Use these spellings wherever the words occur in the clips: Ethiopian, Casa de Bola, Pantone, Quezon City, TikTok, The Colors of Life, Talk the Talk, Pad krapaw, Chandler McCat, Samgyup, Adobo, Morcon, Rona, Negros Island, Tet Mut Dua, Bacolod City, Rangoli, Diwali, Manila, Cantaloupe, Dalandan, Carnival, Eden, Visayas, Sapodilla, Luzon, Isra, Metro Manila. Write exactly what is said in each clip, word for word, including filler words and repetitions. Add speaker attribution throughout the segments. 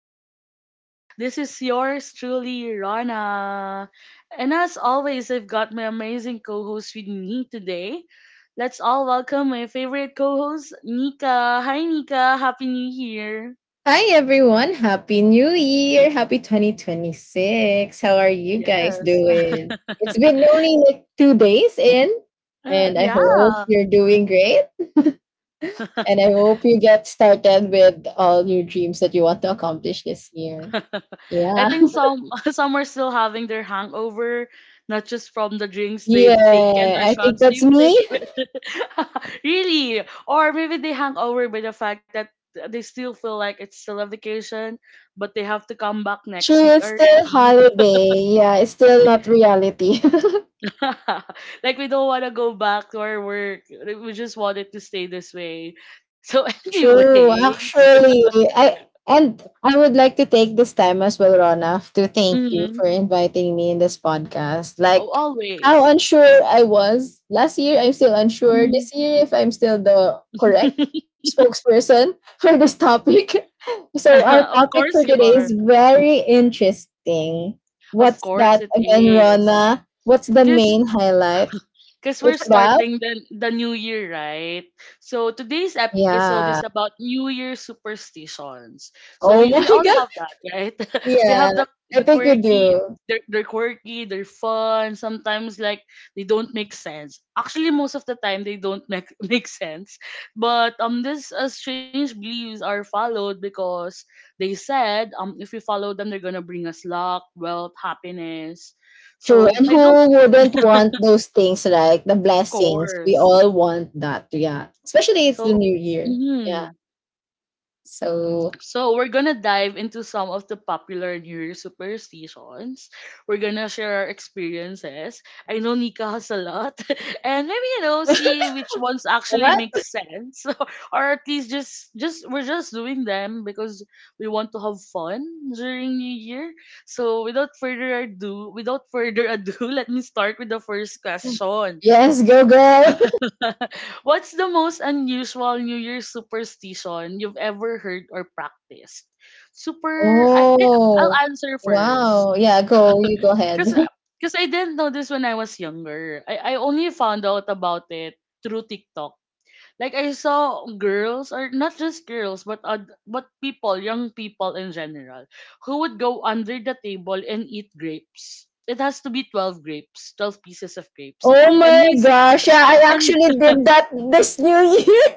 Speaker 1: Talk the Talk. This is yours truly, Rana. And as always, I've got my amazing co host with me today. Let's all welcome my favorite co host, Nika. Hi, Nika. Happy New Year.
Speaker 2: Hi everyone, happy new year. Happy twenty twenty-six. How are you guys
Speaker 1: Yes.
Speaker 2: doing? It's been only like two days in,
Speaker 1: Uh,
Speaker 2: and I
Speaker 1: yeah.
Speaker 2: hope you're doing great, and I hope you get started with all your dreams that you want to accomplish this year.
Speaker 1: I
Speaker 2: Yeah.
Speaker 1: think some some are still having their hangover, not just from the drinks they've taken
Speaker 2: Yeah,
Speaker 1: or
Speaker 2: I think
Speaker 1: shots
Speaker 2: that's
Speaker 1: they've
Speaker 2: me.
Speaker 1: taken. Really, or maybe they hang over by the fact that they still feel like it's still a vacation, but they have to come back next
Speaker 2: True,
Speaker 1: week
Speaker 2: it's still
Speaker 1: already.
Speaker 2: holiday. Yeah, it's still not reality.
Speaker 1: Like we don't want to go back to our work. We just wanted to stay this way. So,
Speaker 2: True,
Speaker 1: anyways,
Speaker 2: actually, I and I would like to take this time as well, Rona, to thank you
Speaker 1: mhm.
Speaker 2: for inviting me in this podcast.
Speaker 1: Oh,
Speaker 2: Like how
Speaker 1: always.
Speaker 2: unsure I was last year, I'm still unsure
Speaker 1: Mhm.
Speaker 2: this year, if I'm still the correct spokesperson for this topic. So our
Speaker 1: Of
Speaker 2: topic
Speaker 1: course
Speaker 2: for
Speaker 1: you
Speaker 2: today
Speaker 1: are.
Speaker 2: is very interesting.
Speaker 1: Of
Speaker 2: What's
Speaker 1: course
Speaker 2: that
Speaker 1: it
Speaker 2: again,
Speaker 1: is.
Speaker 2: Rona? What's the
Speaker 1: Because
Speaker 2: main highlight?
Speaker 1: because we're
Speaker 2: It's about
Speaker 1: starting the, the new year, right? So today's episode is
Speaker 2: yeah.
Speaker 1: about New Year superstitions. So we,
Speaker 2: Oh
Speaker 1: we all
Speaker 2: my god.
Speaker 1: have that, right? We
Speaker 2: Yeah,
Speaker 1: have the
Speaker 2: I
Speaker 1: the
Speaker 2: think we
Speaker 1: quirky,
Speaker 2: do.
Speaker 1: they're, they're quirky, they're fun. Sometimes like they don't make sense. Actually, most of the time they don't make make sense. But um, these uh, strange beliefs are followed because they said um, if we follow them, they're gonna bring us luck, wealth, happiness.
Speaker 2: True.
Speaker 1: So
Speaker 2: And who
Speaker 1: I don't—
Speaker 2: wouldn't want those things like the
Speaker 1: of
Speaker 2: blessings? We
Speaker 1: course.
Speaker 2: all want that. Yeah. Especially it's the
Speaker 1: So,
Speaker 2: new year. Yeah.
Speaker 1: mhm.
Speaker 2: So
Speaker 1: So we're gonna dive into some of the popular New Year superstitions. We're gonna share our experiences. I know Nika has a lot, and maybe you know see which ones actually
Speaker 2: what?
Speaker 1: make sense, or at least just just we're just doing them because we want to have fun during New Year. So without further ado, without further ado, let me start with the first question.
Speaker 2: Yes, go girl.
Speaker 1: What's the most unusual New Year's superstition you've ever heard or practiced? Super, I can, I'll
Speaker 2: Oh.
Speaker 1: answer first.
Speaker 2: Wow. Yeah, go. You go ahead.
Speaker 1: Cause, cause I didn't know this when I was younger. I, I only found out about it through TikTok. Like I saw girls, or not just girls, but oth- but people, young people in general, who would go under the table and eat grapes. It has to be twelve grapes, twelve pieces of grapes,
Speaker 2: Oh
Speaker 1: and
Speaker 2: my
Speaker 1: these
Speaker 2: gosh. Yeah, I
Speaker 1: and
Speaker 2: actually did that this new year.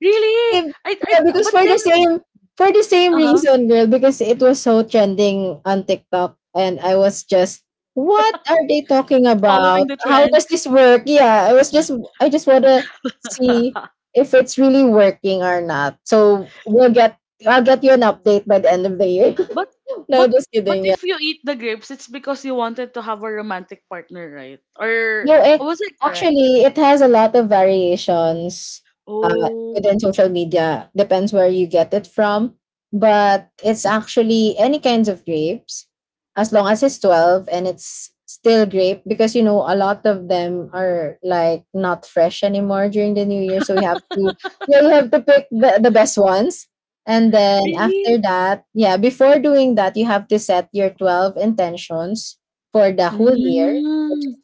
Speaker 1: Really?
Speaker 2: If
Speaker 1: I, I
Speaker 2: yeah, because
Speaker 1: but
Speaker 2: for the
Speaker 1: then
Speaker 2: same for the same
Speaker 1: uh-huh,
Speaker 2: reason, girl, because it was so trending on TikTok, and I was just, what are they talking about?
Speaker 1: following the
Speaker 2: How
Speaker 1: trend.
Speaker 2: does this work? Yeah, I was just, I just wanna see if it's really working or not. So we'll get I'll get you an update by the end of the year.
Speaker 1: but
Speaker 2: No,
Speaker 1: but
Speaker 2: just
Speaker 1: but
Speaker 2: kidding. Yeah.
Speaker 1: if you eat the grapes, it's because you wanted to have a romantic partner, right? Or
Speaker 2: No, it
Speaker 1: was I correct?
Speaker 2: Actually, it has a lot of variations, uh,
Speaker 1: Oh,
Speaker 2: within social media. Depends where you get it from, but it's actually any kinds of grapes, as long as it's twelve and it's still grape. Because, you know, a lot of them are like not fresh anymore during the new year, so you have to yeah you have to pick the, the best ones. And then
Speaker 1: really?
Speaker 2: after that, yeah, before doing that, you have to set your twelve intentions for the whole year, which
Speaker 1: Mm.
Speaker 2: is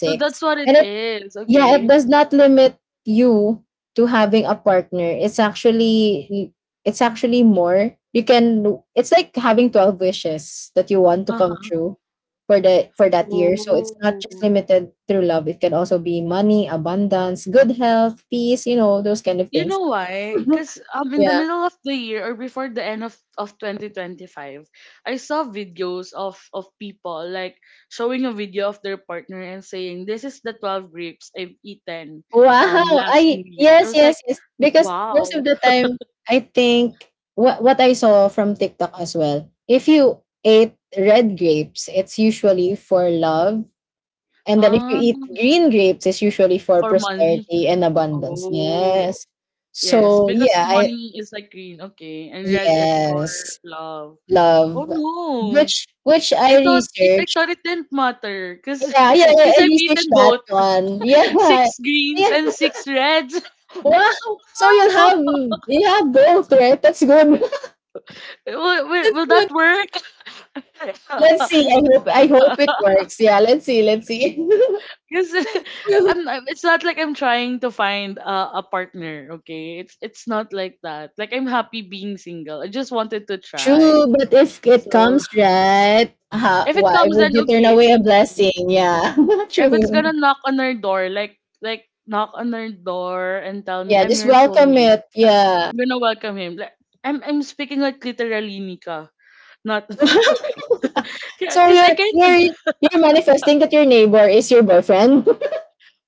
Speaker 1: So that's what it
Speaker 2: And it,
Speaker 1: is.
Speaker 2: yeah, it
Speaker 1: Okay.
Speaker 2: does not limit you to having a partner. It's actually it's actually more. You can It's like having twelve wishes that you want to come
Speaker 1: Uh-huh.
Speaker 2: true for the for that year. So it's not just
Speaker 1: Oh.
Speaker 2: limited through love. It can also be money, abundance, good health, peace, you know, those kind of
Speaker 1: You
Speaker 2: things.
Speaker 1: know why? Because um, in the
Speaker 2: Yeah.
Speaker 1: middle of the year or before the end of, of twenty twenty-five, I saw videos of, of people like showing a video of their partner and saying, "This is the twelve grapes I've eaten um
Speaker 2: Wow!
Speaker 1: last New
Speaker 2: I
Speaker 1: Year." I
Speaker 2: yes,
Speaker 1: was
Speaker 2: yes,
Speaker 1: like,
Speaker 2: yes. Because most of
Speaker 1: wow.
Speaker 2: the time, I think what what I saw from TikTok as well. If you ate red grapes, it's usually for love, and then if you eat
Speaker 1: Um,
Speaker 2: green grapes, it's usually for
Speaker 1: for money?
Speaker 2: prosperity and abundance.
Speaker 1: Oh,
Speaker 2: Yes.
Speaker 1: yes.
Speaker 2: So
Speaker 1: Because
Speaker 2: yeah, I
Speaker 1: money is like green, okay. And red is for
Speaker 2: Yes,
Speaker 1: love.
Speaker 2: love.
Speaker 1: Oh no.
Speaker 2: Which which
Speaker 1: I
Speaker 2: I
Speaker 1: I thought it I
Speaker 2: researched.
Speaker 1: thought it didn't matter because
Speaker 2: Yeah, yeah, yeah,
Speaker 1: because
Speaker 2: I
Speaker 1: I've
Speaker 2: researched
Speaker 1: eaten
Speaker 2: that
Speaker 1: both.
Speaker 2: one. Yeah.
Speaker 1: Six greens
Speaker 2: Yeah.
Speaker 1: and six reds. I
Speaker 2: Wow! So you
Speaker 1: don't
Speaker 2: have,
Speaker 1: know.
Speaker 2: you have both, right? That's good.
Speaker 1: Will, will,
Speaker 2: That's
Speaker 1: will
Speaker 2: good.
Speaker 1: that
Speaker 2: Let's
Speaker 1: work?
Speaker 2: see. I hope I hope it works. Yeah, let's see. Let's see.
Speaker 1: Because I'm, I'm- it's not like I'm trying to find a, a partner, okay? It's it's not like that. Like I'm happy being single. I just wanted to try.
Speaker 2: True, but if it
Speaker 1: So
Speaker 2: comes, right, ha,
Speaker 1: if it
Speaker 2: why
Speaker 1: comes,
Speaker 2: would
Speaker 1: then
Speaker 2: you turn
Speaker 1: okay.
Speaker 2: away a
Speaker 1: Thank
Speaker 2: blessing?
Speaker 1: you.
Speaker 2: Yeah.
Speaker 1: If it's
Speaker 2: True.
Speaker 1: gonna knock on our door, like like knock on our door and tell me
Speaker 2: Yeah,
Speaker 1: I'm
Speaker 2: just
Speaker 1: your
Speaker 2: welcome
Speaker 1: soulmate,
Speaker 2: it. Yeah.
Speaker 1: I'm gonna welcome him. Like I'm I'm speaking like literally, Nika. Not
Speaker 2: So
Speaker 1: because I
Speaker 2: you're
Speaker 1: can't,
Speaker 2: you're you're manifesting that your neighbor is your boyfriend.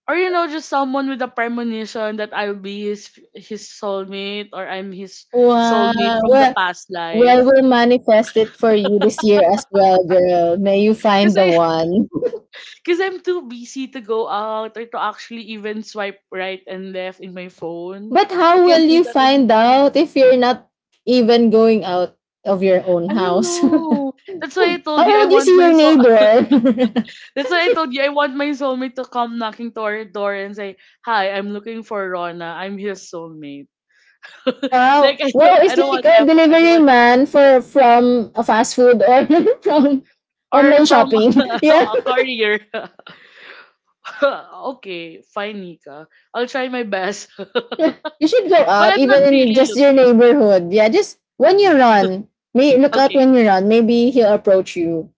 Speaker 1: or you know, just someone with a premonition that I'll be his his soulmate or I'm his
Speaker 2: Wow.
Speaker 1: soulmate from the
Speaker 2: Well,
Speaker 1: past
Speaker 2: well,
Speaker 1: life.
Speaker 2: we'll manifest it for you this year as well, girl. May you find
Speaker 1: Because
Speaker 2: the
Speaker 1: I—
Speaker 2: one.
Speaker 1: because I'm too busy to go out or to actually even swipe right and left in my phone.
Speaker 2: But
Speaker 1: I
Speaker 2: how will
Speaker 1: can't do
Speaker 2: you
Speaker 1: that
Speaker 2: find
Speaker 1: anymore.
Speaker 2: out if you're not even going out of your own
Speaker 1: I don't
Speaker 2: house?
Speaker 1: know. That's why I
Speaker 2: How
Speaker 1: told you I
Speaker 2: would you
Speaker 1: want
Speaker 2: see
Speaker 1: my
Speaker 2: your
Speaker 1: soul.
Speaker 2: neighbor?
Speaker 1: That's why I told you I want my soulmate to come knocking to our door and say, "Hi, I'm looking for Rona. I'm his soulmate." Like
Speaker 2: Wow.
Speaker 1: I don't,
Speaker 2: Wow,
Speaker 1: I
Speaker 2: it's
Speaker 1: don't
Speaker 2: like
Speaker 1: want
Speaker 2: a
Speaker 1: effort. I don't
Speaker 2: delivery
Speaker 1: want
Speaker 2: man for from a fast food, or from
Speaker 1: or
Speaker 2: online
Speaker 1: from
Speaker 2: shopping. Yeah.
Speaker 1: a courier. Okay, fine, Nika. I'll try my best. But
Speaker 2: You should go out
Speaker 1: I'm not
Speaker 2: even in your-
Speaker 1: really
Speaker 2: just your
Speaker 1: looking.
Speaker 2: neighborhood. Yeah, just when you run, may look out
Speaker 1: Okay.
Speaker 2: when you run. Maybe he'll approach you.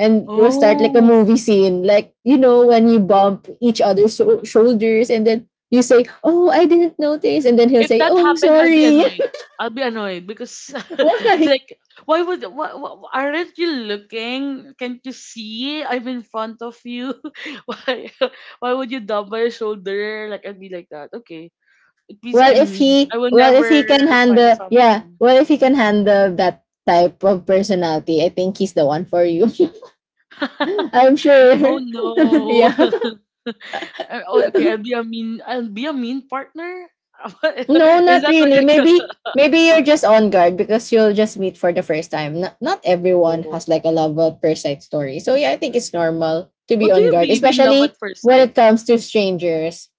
Speaker 2: And it will start like a
Speaker 1: Oh,
Speaker 2: movie scene, like, you know, when you bump each other's so- shoulders, and then you say, oh, I didn't notice, and then he'll
Speaker 1: if
Speaker 2: say,
Speaker 1: that
Speaker 2: oh, I'm
Speaker 1: happened, I'll be
Speaker 2: sorry.
Speaker 1: annoyed. I'll be annoyed because,
Speaker 2: Why?
Speaker 1: like, why would, why, why, aren't you looking? Can't you see? I'm in front of you. Why, why would you dub my shoulder? Like, I'd be like that. Okay. At least
Speaker 2: well
Speaker 1: I'm
Speaker 2: if
Speaker 1: mean. I
Speaker 2: he
Speaker 1: will
Speaker 2: well, if
Speaker 1: never
Speaker 2: he can
Speaker 1: find
Speaker 2: handle, yeah,
Speaker 1: someone.
Speaker 2: well, if he can handle that type of personality, I think he's the one for you. I'm
Speaker 1: Oh
Speaker 2: sure.
Speaker 1: no.
Speaker 2: Yeah.
Speaker 1: Uh, oh, okay, I'll be a mean I'll be a mean partner.
Speaker 2: No,
Speaker 1: Is
Speaker 2: not
Speaker 1: that what
Speaker 2: really.
Speaker 1: you're
Speaker 2: Maybe, maybe you're just on guard because you'll just meet for the first time. Not not everyone
Speaker 1: Oh.
Speaker 2: has like a love first sight story. So yeah, I think it's normal to
Speaker 1: Oh,
Speaker 2: be
Speaker 1: do
Speaker 2: on
Speaker 1: you
Speaker 2: guard,
Speaker 1: believe in love at
Speaker 2: especially
Speaker 1: first
Speaker 2: when it
Speaker 1: sight?
Speaker 2: comes to strangers.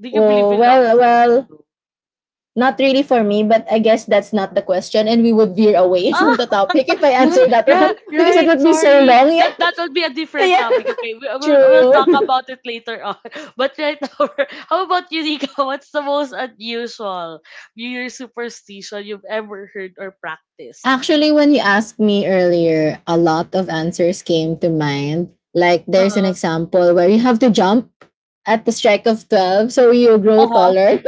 Speaker 1: Do you believe
Speaker 2: Oh
Speaker 1: in love at
Speaker 2: well,
Speaker 1: first sight
Speaker 2: well,
Speaker 1: too?
Speaker 2: not really for me, but I guess that's not the question, and we would veer away from
Speaker 1: Ah,
Speaker 2: the topic if I
Speaker 1: yeah,
Speaker 2: answer that
Speaker 1: yeah,
Speaker 2: one, because it
Speaker 1: right.
Speaker 2: would be so
Speaker 1: Sorry,
Speaker 2: long.
Speaker 1: that
Speaker 2: Yeah.
Speaker 1: that will be a different
Speaker 2: Yeah,
Speaker 1: topic. Okay, we, we'll we'll talk
Speaker 2: true.
Speaker 1: about it later on. But right now, we're- how about you, Nika? What's the most unusual New Year superstition you've ever heard or practiced?
Speaker 2: Actually, when you asked me earlier, a lot of answers came to mind. Like,
Speaker 1: Uh
Speaker 2: there's an
Speaker 1: huh.
Speaker 2: example where you have to jump at the strike of twelve so you grow
Speaker 1: Uh huh.
Speaker 2: taller.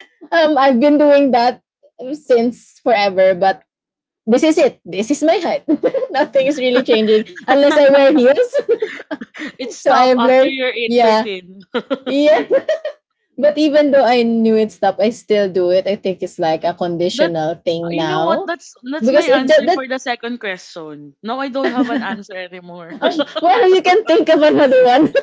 Speaker 2: um, I've been doing that since forever, but this is it. This is my height. Nothing is really changing unless I wear heels.
Speaker 1: It
Speaker 2: So I
Speaker 1: stopped
Speaker 2: have
Speaker 1: after
Speaker 2: learned,
Speaker 1: your
Speaker 2: yeah,
Speaker 1: eight thirteen.
Speaker 2: yeah. But even though I knew it's up, I still do it. I think it's like a
Speaker 1: That
Speaker 2: conditional thing
Speaker 1: You know what?
Speaker 2: now
Speaker 1: That's that's my
Speaker 2: because it that,
Speaker 1: answer for
Speaker 2: that
Speaker 1: the second question. No, I don't have an answer anymore.
Speaker 2: oh, well, you can think of another one.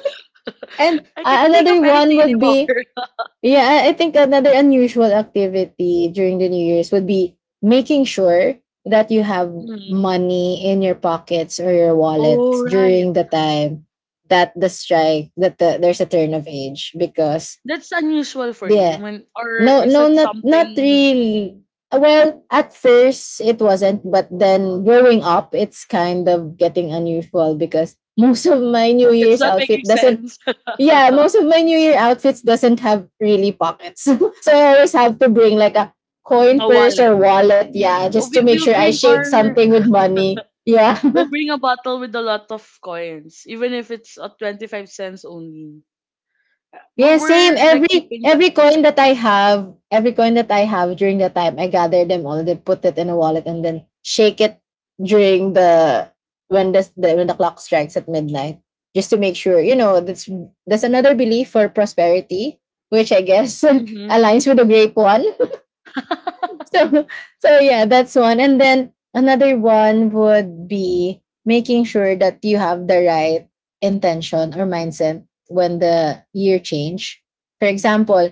Speaker 2: And
Speaker 1: I can't
Speaker 2: uh,
Speaker 1: think of
Speaker 2: another one
Speaker 1: anything
Speaker 2: would
Speaker 1: anymore.
Speaker 2: be, yeah, I I think another unusual activity during the New Year's would be making sure that you have
Speaker 1: Mm.
Speaker 2: money in your pockets or your
Speaker 1: Oh
Speaker 2: wallets
Speaker 1: right.
Speaker 2: during the time that the strike that the, there's a turn of age because
Speaker 1: That's unusual for you
Speaker 2: yeah,
Speaker 1: when or
Speaker 2: no
Speaker 1: is
Speaker 2: no
Speaker 1: it
Speaker 2: not not
Speaker 1: something
Speaker 2: really. Well, at first it wasn't, but then growing up it's kind of getting unusual because most of my new
Speaker 1: it's
Speaker 2: year's
Speaker 1: not making
Speaker 2: outfit doesn't—
Speaker 1: sense.
Speaker 2: yeah,
Speaker 1: A
Speaker 2: most of my New Year outfits doesn't have really pockets. So I always have to bring like a coin purse
Speaker 1: wallet.
Speaker 2: or wallet, yeah,
Speaker 1: Oh,
Speaker 2: just to
Speaker 1: We,
Speaker 2: make
Speaker 1: we'll
Speaker 2: sure I
Speaker 1: bring
Speaker 2: shake
Speaker 1: our
Speaker 2: something with money. Yeah.
Speaker 1: we'll bring a bottle with a lot of coins, even if it's a twenty-five cents only.
Speaker 2: Yeah,
Speaker 1: We're, we're
Speaker 2: same.
Speaker 1: like
Speaker 2: Every
Speaker 1: keeping
Speaker 2: every
Speaker 1: 25
Speaker 2: coin that I
Speaker 1: cents.
Speaker 2: have, every coin that I have during the time, I gather them all, then put it in a wallet and then shake it during the when the, the when the clock strikes at midnight. Just to make sure, you know, that's that's another belief for prosperity, which I guess
Speaker 1: Mm-hmm.
Speaker 2: aligns with the grape one. So, so yeah, that's one. And then another one would be making sure that you have the right intention or mindset when the year change. For example,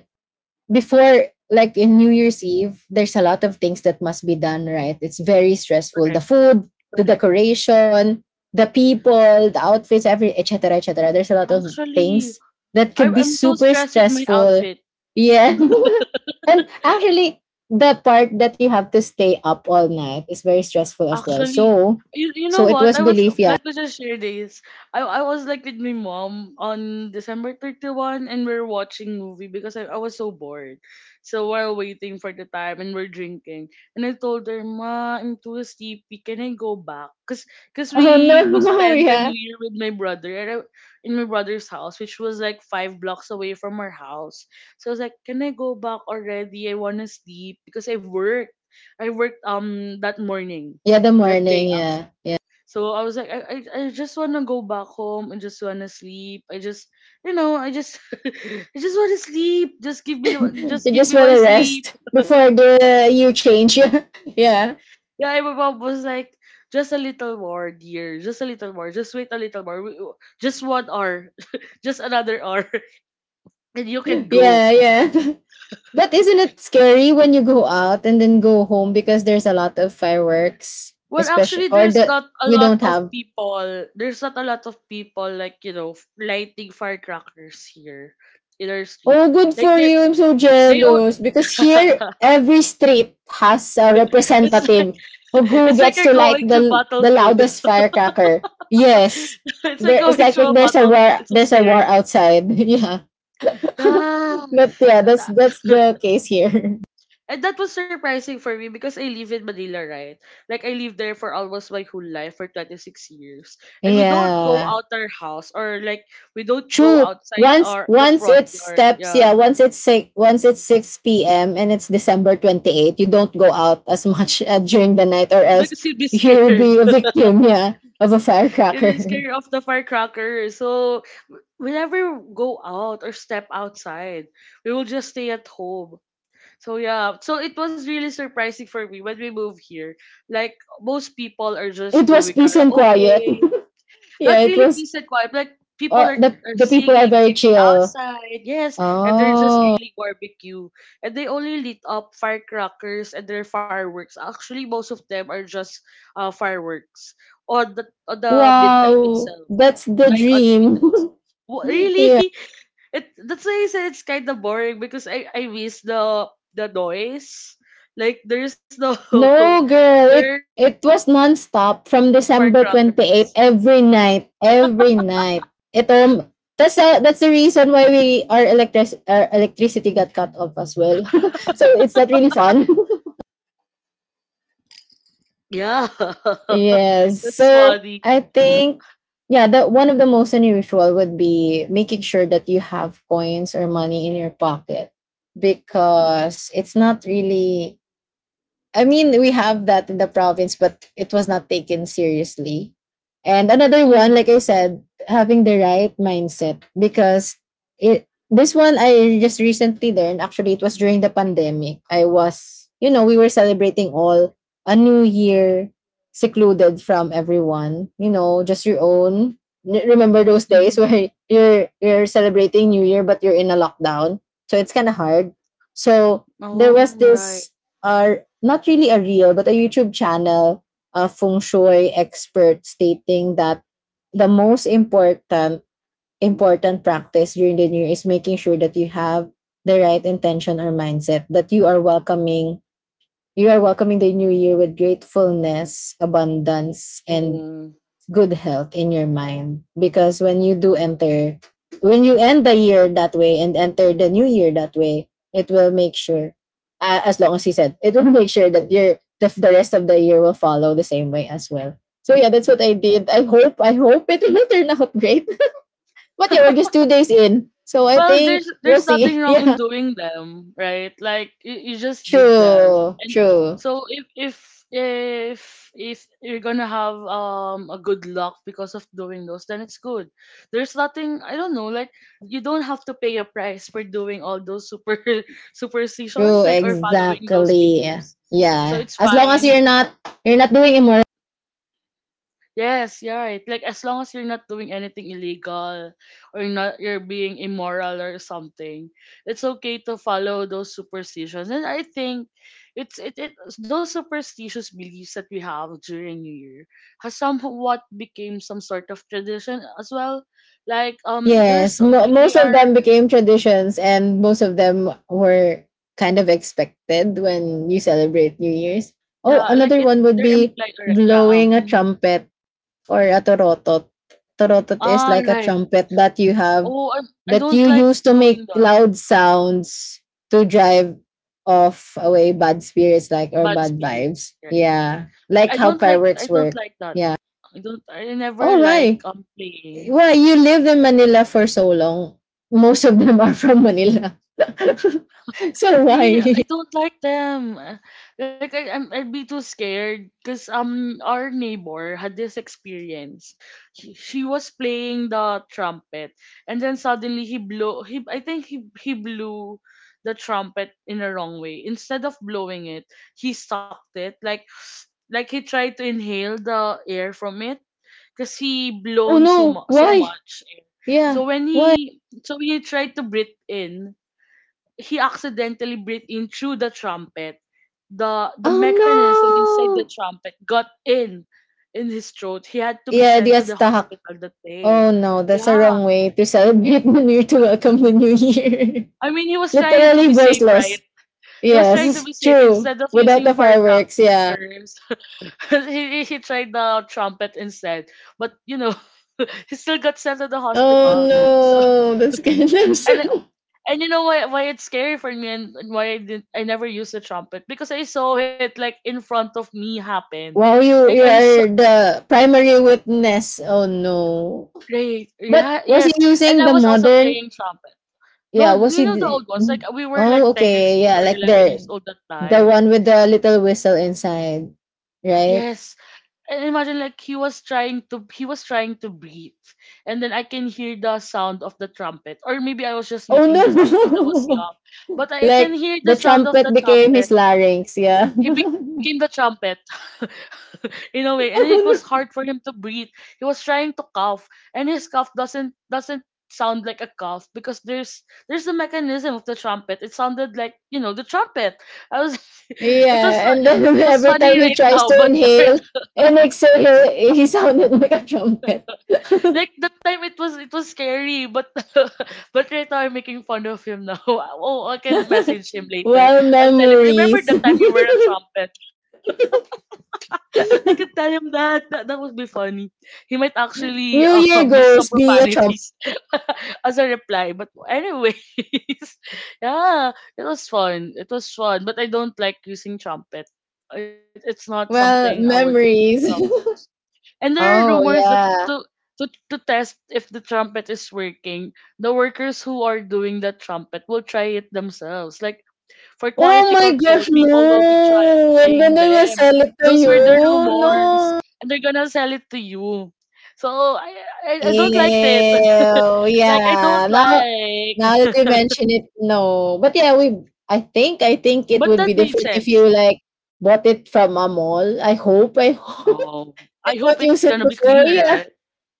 Speaker 2: before, like in New Year's Eve, there's a lot of things that must be done, right? It's very stressful. The
Speaker 1: Correct,
Speaker 2: food, the
Speaker 1: correct.
Speaker 2: decoration, the people, the outfits, every, et cetera, et cetera. There's a lot of
Speaker 1: Actually,
Speaker 2: things that
Speaker 1: I,
Speaker 2: could be
Speaker 1: I'm so
Speaker 2: super
Speaker 1: stressed with my
Speaker 2: stressful.
Speaker 1: outfit.
Speaker 2: Yeah. And actually, the part that you have to stay up all night is very stressful as well.
Speaker 1: Actually,
Speaker 2: So
Speaker 1: you, you know
Speaker 2: so it
Speaker 1: what? I
Speaker 2: was
Speaker 1: was
Speaker 2: belief, yeah.
Speaker 1: let me just share this. I I was like with my mom on December thirty one and we are watching movie because I, I was so bored. So while waiting for the time and we're drinking and I told her, "Ma, I'm too sleepy. Can I go back?" Cuz cuz
Speaker 2: Oh
Speaker 1: we we
Speaker 2: no.
Speaker 1: spent the new
Speaker 2: Yeah.
Speaker 1: year with my brother at a- in my brother's house, which was like five blocks away from our house. So I was like, "Can I go back already? I want to sleep because I worked I worked um that morning
Speaker 2: Yeah, the
Speaker 1: that day
Speaker 2: morning,
Speaker 1: out."
Speaker 2: yeah. Yeah.
Speaker 1: So I was like, I, I, I just wanna go back home. I just wanna sleep. I just, you know, I just, I just wanna sleep. Just give me the,
Speaker 2: You
Speaker 1: just give
Speaker 2: just
Speaker 1: me
Speaker 2: want
Speaker 1: my
Speaker 2: to
Speaker 1: sleep.
Speaker 2: rest before the you change. Yeah.
Speaker 1: Yeah, and my mom was like, "Just a little more, dear. Just a little more. Just wait a little more. We— Just one hour. Just another hour, and you can go."
Speaker 2: Yeah, yeah. But isn't it scary when you go out and then go home because there's a lot of fireworks,
Speaker 1: Well,
Speaker 2: especially
Speaker 1: actually,
Speaker 2: or
Speaker 1: there's
Speaker 2: the
Speaker 1: not a
Speaker 2: we
Speaker 1: lot
Speaker 2: don't
Speaker 1: of
Speaker 2: have.
Speaker 1: people. There's not a lot of people like you know f- lighting firecrackers here in our street.
Speaker 2: Oh, good
Speaker 1: Like
Speaker 2: for
Speaker 1: they
Speaker 2: you. I'm so
Speaker 1: they all
Speaker 2: jealous because here every street has a
Speaker 1: It's like
Speaker 2: representative of who
Speaker 1: it's like
Speaker 2: gets
Speaker 1: you're
Speaker 2: to light
Speaker 1: going through
Speaker 2: the the
Speaker 1: battlefield.
Speaker 2: loudest firecracker. Yes.
Speaker 1: It's like
Speaker 2: There, it's
Speaker 1: going
Speaker 2: like,
Speaker 1: through
Speaker 2: like
Speaker 1: a
Speaker 2: there's a
Speaker 1: battlefield.
Speaker 2: war,
Speaker 1: It's so
Speaker 2: there's a war
Speaker 1: scary.
Speaker 2: outside. Yeah.
Speaker 1: Yeah.
Speaker 2: But yeah, that's that's the case here.
Speaker 1: And that was surprising for me because I live in Manila, right? Like I lived there for almost my whole life for twenty-six years. And we don't go
Speaker 2: Yeah,
Speaker 1: out our house or like we don't go
Speaker 2: true.
Speaker 1: outside
Speaker 2: Once
Speaker 1: our the
Speaker 2: once
Speaker 1: front
Speaker 2: it
Speaker 1: yard.
Speaker 2: steps,
Speaker 1: Yeah.
Speaker 2: yeah, once it's six, once it's six p m and it's December twenty eighth, you don't go out as much, uh, during the night, or else
Speaker 1: Because you'd be
Speaker 2: you will
Speaker 1: scared.
Speaker 2: be a victim, yeah, of a
Speaker 1: You'd be
Speaker 2: firecracker.
Speaker 1: scared of the firecracker. So we never go out or step outside. We will just stay at home. So yeah, so it was really surprising for me when we moved here. Like most people are just
Speaker 2: It was
Speaker 1: doing
Speaker 2: peace and quiet.
Speaker 1: karaoke,
Speaker 2: Yeah,
Speaker 1: not
Speaker 2: it
Speaker 1: really
Speaker 2: was.
Speaker 1: peace and quiet. Like people
Speaker 2: Or
Speaker 1: are,
Speaker 2: the
Speaker 1: are
Speaker 2: the people are
Speaker 1: singing,
Speaker 2: very
Speaker 1: drinking
Speaker 2: chill.
Speaker 1: outside. Yes, and they're just
Speaker 2: Oh,
Speaker 1: grilling barbecue, and they only lit up firecrackers and their fireworks. Actually, most of them are just uh fireworks on the on the midnight
Speaker 2: wow,
Speaker 1: itself,
Speaker 2: that's the
Speaker 1: like on the midnight.
Speaker 2: dream.
Speaker 1: Wha- Really?
Speaker 2: Yeah.
Speaker 1: It— that's why I said it's kind of boring because I I miss the the noise. Like there's no
Speaker 2: No,
Speaker 1: there
Speaker 2: girl.
Speaker 1: are
Speaker 2: It
Speaker 1: no
Speaker 2: it was
Speaker 1: noisy
Speaker 2: nonstop
Speaker 1: uh
Speaker 2: from December twenty-eighth
Speaker 1: firecrackers.
Speaker 2: every night, every night. Ito, that's a, that's the reason why we our electric our electricity got cut off as well. So it's not really fun.
Speaker 1: Yeah,
Speaker 2: Yes.
Speaker 1: that's
Speaker 2: So
Speaker 1: funny.
Speaker 2: I think, yeah, the one of the most unusual would be making sure that you have coins or money in your pocket because it's not really— I mean, we have that in the province, but it was not taken seriously. And another one, like I said, having the right mindset, because it this one I just recently learned. Actually, it was during the pandemic. I was, you know, we were celebrating all a new year secluded from everyone, you know, just your own. N- Remember those
Speaker 1: Mm-hmm.
Speaker 2: days where you're you're celebrating New Year but you're in a lockdown. So it's kind of hard. So
Speaker 1: Oh
Speaker 2: there was
Speaker 1: right.
Speaker 2: this are not really a reel, but a YouTube channel, a feng shui expert stating that the most important important practice during the new year is making sure that you have the right intention or mindset that you are welcoming you are welcoming the new year with gratefulness, abundance, and
Speaker 1: Oh.
Speaker 2: good health in your mind because when you do enter when you end the year that way and enter the new year that way it will make sure uh, as long as he said it will make sure that your the, the rest of the year will follow the same way as well. So yeah, that's what I did. I hope, i hope it will turn out great. But yeah, we're just two days in, so I
Speaker 1: Well,
Speaker 2: think
Speaker 1: there's
Speaker 2: we'll
Speaker 1: there's nothing
Speaker 2: see.
Speaker 1: wrong in
Speaker 2: Yeah.
Speaker 1: doing them, right? Like you, you just did them,
Speaker 2: True,
Speaker 1: and
Speaker 2: true.
Speaker 1: so if if if if you're gonna have um a good luck because of doing those, then it's good. There's nothing I don't know, like you don't have to pay a price for doing all those super
Speaker 2: True,
Speaker 1: superstitions, like or following those
Speaker 2: exactly.
Speaker 1: beliefs. So
Speaker 2: Yeah,
Speaker 1: it's
Speaker 2: as long as
Speaker 1: fine.
Speaker 2: you're not you're not doing immoral.
Speaker 1: Yes, you're right. Like as long as you're not doing anything illegal or not you're being immoral or something, it's okay to follow those superstitions. And I think it's it, it those superstitious beliefs that we have during New Year has somewhat became some sort of tradition as well. Like um
Speaker 2: Yes,
Speaker 1: there's
Speaker 2: mo
Speaker 1: they, they
Speaker 2: most of
Speaker 1: are
Speaker 2: them became traditions, and most of them were kind of expected when you celebrate New Year's. Oh,
Speaker 1: yeah, like
Speaker 2: another
Speaker 1: it
Speaker 2: one would
Speaker 1: they're
Speaker 2: be
Speaker 1: implied already. Yeah, um
Speaker 2: blowing a
Speaker 1: mhm.
Speaker 2: trumpet or a torotot. Torotot is
Speaker 1: Ah
Speaker 2: like a
Speaker 1: right.
Speaker 2: trumpet that you have
Speaker 1: Oh I, I
Speaker 2: that
Speaker 1: don't
Speaker 2: you
Speaker 1: like
Speaker 2: use to
Speaker 1: doing
Speaker 2: make
Speaker 1: that.
Speaker 2: loud sounds to drive off away bad spirits, like, or
Speaker 1: Bad
Speaker 2: bad vibes.
Speaker 1: spirits, right?
Speaker 2: Yeah,
Speaker 1: I
Speaker 2: like
Speaker 1: I
Speaker 2: how
Speaker 1: don't like I
Speaker 2: fireworks
Speaker 1: don't
Speaker 2: work.
Speaker 1: like that
Speaker 2: Yeah.
Speaker 1: I don't. I never
Speaker 2: Oh,
Speaker 1: like
Speaker 2: why?
Speaker 1: um playing.
Speaker 2: Well, you lived in Manila for so long. Most of them are from Manila. So
Speaker 1: Really,
Speaker 2: why?
Speaker 1: I don't like them. Uh, Like I, I'm, I'd be too scared. Cause um, our neighbor had this experience. She, she was playing the trumpet, and then suddenly he blew. He, I think he he blew the trumpet in a wrong way. Instead of blowing it, he sucked it. Like, like he tried to inhale the air from it because he
Speaker 2: Oh
Speaker 1: blown so,
Speaker 2: no,
Speaker 1: mu- so
Speaker 2: why?
Speaker 1: much air.
Speaker 2: Yeah,
Speaker 1: So when
Speaker 2: why?
Speaker 1: he so he tried to breathe in, he accidentally breathed in through the trumpet. The the
Speaker 2: Oh
Speaker 1: mechanism inside the
Speaker 2: no!
Speaker 1: trumpet got in in his throat. He had to be
Speaker 2: Yeah,
Speaker 1: sent to
Speaker 2: that's
Speaker 1: the
Speaker 2: the hack.
Speaker 1: hospital that
Speaker 2: Oh
Speaker 1: day.
Speaker 2: no, that's a
Speaker 1: Yeah.
Speaker 2: wrong way to celebrate the new year, to welcome the new year.
Speaker 1: I mean, he was trying
Speaker 2: Literally
Speaker 1: to be safe,
Speaker 2: voiceless.
Speaker 1: right? He was trying
Speaker 2: Yes,
Speaker 1: to be safe
Speaker 2: true.
Speaker 1: instead of
Speaker 2: Without the
Speaker 1: using
Speaker 2: fireworks, yeah.
Speaker 1: firecrackers. he, he tried the trumpet instead. But, you know, he still got sent to the
Speaker 2: Oh
Speaker 1: hospital. So,
Speaker 2: no, that's kind of
Speaker 1: and
Speaker 2: sad.
Speaker 1: And you know why why it's scary for me and and why I didn't I never used the trumpet because I saw it like in front of me happen.
Speaker 2: Wow, you
Speaker 1: Like
Speaker 2: you
Speaker 1: I saw
Speaker 2: are the primary witness. Oh no.
Speaker 1: right,
Speaker 2: But
Speaker 1: yeah,
Speaker 2: was he
Speaker 1: yes. And
Speaker 2: using
Speaker 1: I
Speaker 2: the
Speaker 1: was also
Speaker 2: modern?
Speaker 1: playing trumpet.
Speaker 2: Yeah,
Speaker 1: No,
Speaker 2: was he?
Speaker 1: you know the
Speaker 2: D-
Speaker 1: old ones.
Speaker 2: mm.
Speaker 1: Like we were
Speaker 2: Oh,
Speaker 1: like ten
Speaker 2: okay.
Speaker 1: years
Speaker 2: Yeah,
Speaker 1: old or
Speaker 2: like
Speaker 1: eleven
Speaker 2: the
Speaker 1: years old that
Speaker 2: the one
Speaker 1: time.
Speaker 2: with the little whistle inside, right?
Speaker 1: Yes. And imagine like he was trying to he was trying to breathe. And then I can hear the sound of the trumpet. Or maybe I was just
Speaker 2: Oh
Speaker 1: making this up because
Speaker 2: no!
Speaker 1: I was young. But I
Speaker 2: Like
Speaker 1: can hear
Speaker 2: the
Speaker 1: the sound of
Speaker 2: trumpet
Speaker 1: the
Speaker 2: became his
Speaker 1: trumpet.
Speaker 2: larynx. Yeah.
Speaker 1: He became the trumpet in a way, and it was
Speaker 2: Oh
Speaker 1: hard
Speaker 2: no.
Speaker 1: for him to breathe. He was trying to cough, and his cough doesn't doesn't sound like a cough because there's there's the mechanism of the trumpet. It sounded like, you know, the trumpet. I was it was
Speaker 2: Yeah, and
Speaker 1: it
Speaker 2: then
Speaker 1: was
Speaker 2: every
Speaker 1: funny right
Speaker 2: time he
Speaker 1: now,
Speaker 2: tries
Speaker 1: but
Speaker 2: to
Speaker 1: right-
Speaker 2: inhale and exhale, he sounded like a trumpet.
Speaker 1: like that time it was it was scary, but but right now I'm making fun of him now. Oh, I can message him later.
Speaker 2: Well,
Speaker 1: I'll tell him, remember
Speaker 2: memories.
Speaker 1: that time you were a trumpet. I could tell him that. That that would be funny. He might actually
Speaker 2: New
Speaker 1: um
Speaker 2: Year
Speaker 1: use some
Speaker 2: goes be a trumpet.
Speaker 1: profanities as a reply. But anyways, yeah, it was fun. It was fun. But I don't like using trumpet. It, it's not something I
Speaker 2: Well,
Speaker 1: would love.
Speaker 2: memories.
Speaker 1: And there are
Speaker 2: Oh,
Speaker 1: rumors that
Speaker 2: yeah.
Speaker 1: to to to test if the trumpet is working, the workers who are doing the trumpet will try it themselves. Like for
Speaker 2: Oh
Speaker 1: quality
Speaker 2: my
Speaker 1: control,
Speaker 2: gosh,
Speaker 1: people will be
Speaker 2: no!
Speaker 1: trying
Speaker 2: And then I
Speaker 1: them.
Speaker 2: will sell
Speaker 1: Those
Speaker 2: it
Speaker 1: were
Speaker 2: to
Speaker 1: the
Speaker 2: you.
Speaker 1: rumors,
Speaker 2: No.
Speaker 1: and they're gonna sell it to you. So I I, I don't like it.
Speaker 2: Ew.
Speaker 1: like I don't
Speaker 2: Yeah. Now, now that you
Speaker 1: like.
Speaker 2: mention it, no. But yeah, we. I think I think it
Speaker 1: but
Speaker 2: would be
Speaker 1: that made
Speaker 2: different if you
Speaker 1: sense.
Speaker 2: like bought it from a mall. I hope. I hope
Speaker 1: Oh, I
Speaker 2: they
Speaker 1: hope it's
Speaker 2: don't
Speaker 1: gonna
Speaker 2: use
Speaker 1: be
Speaker 2: it
Speaker 1: cleaner,
Speaker 2: before.
Speaker 1: right?
Speaker 2: Yeah.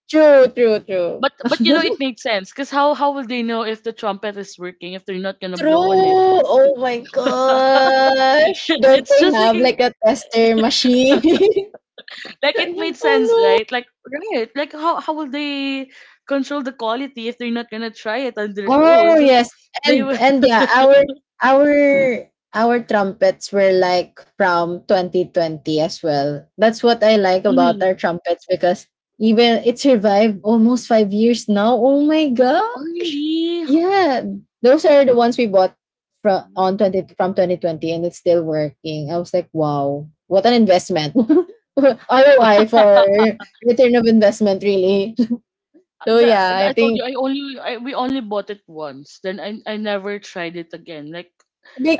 Speaker 2: True, true, true.
Speaker 1: But but you know it made sense because how how will they know if the trumpet is working if they're not gonna
Speaker 2: True.
Speaker 1: blow on it?
Speaker 2: Oh my gosh. Don't
Speaker 1: it's
Speaker 2: they
Speaker 1: just
Speaker 2: have
Speaker 1: like
Speaker 2: like a tester machine?
Speaker 1: like it made sense,
Speaker 2: Oh
Speaker 1: right?
Speaker 2: no.
Speaker 1: Like right, like how how will they control the quality if they're not gonna try it on their own?
Speaker 2: Oh
Speaker 1: So
Speaker 2: yes,
Speaker 1: they
Speaker 2: and
Speaker 1: were
Speaker 2: and yeah, our our our trumpets were like from twenty twenty as well. That's what I like
Speaker 1: mm.
Speaker 2: about our trumpets because even it survived almost five years now. Oh my
Speaker 1: Oh,
Speaker 2: gosh!
Speaker 1: really?
Speaker 2: Yeah, those are the ones we bought from on twenty from twenty twenty, and it's still working. I was like, wow, what an investment! R O I for return of investment, really. So yeah,
Speaker 1: The- I
Speaker 2: I
Speaker 1: told
Speaker 2: think
Speaker 1: you I only I, we only bought it once. Then I I never tried it again. Like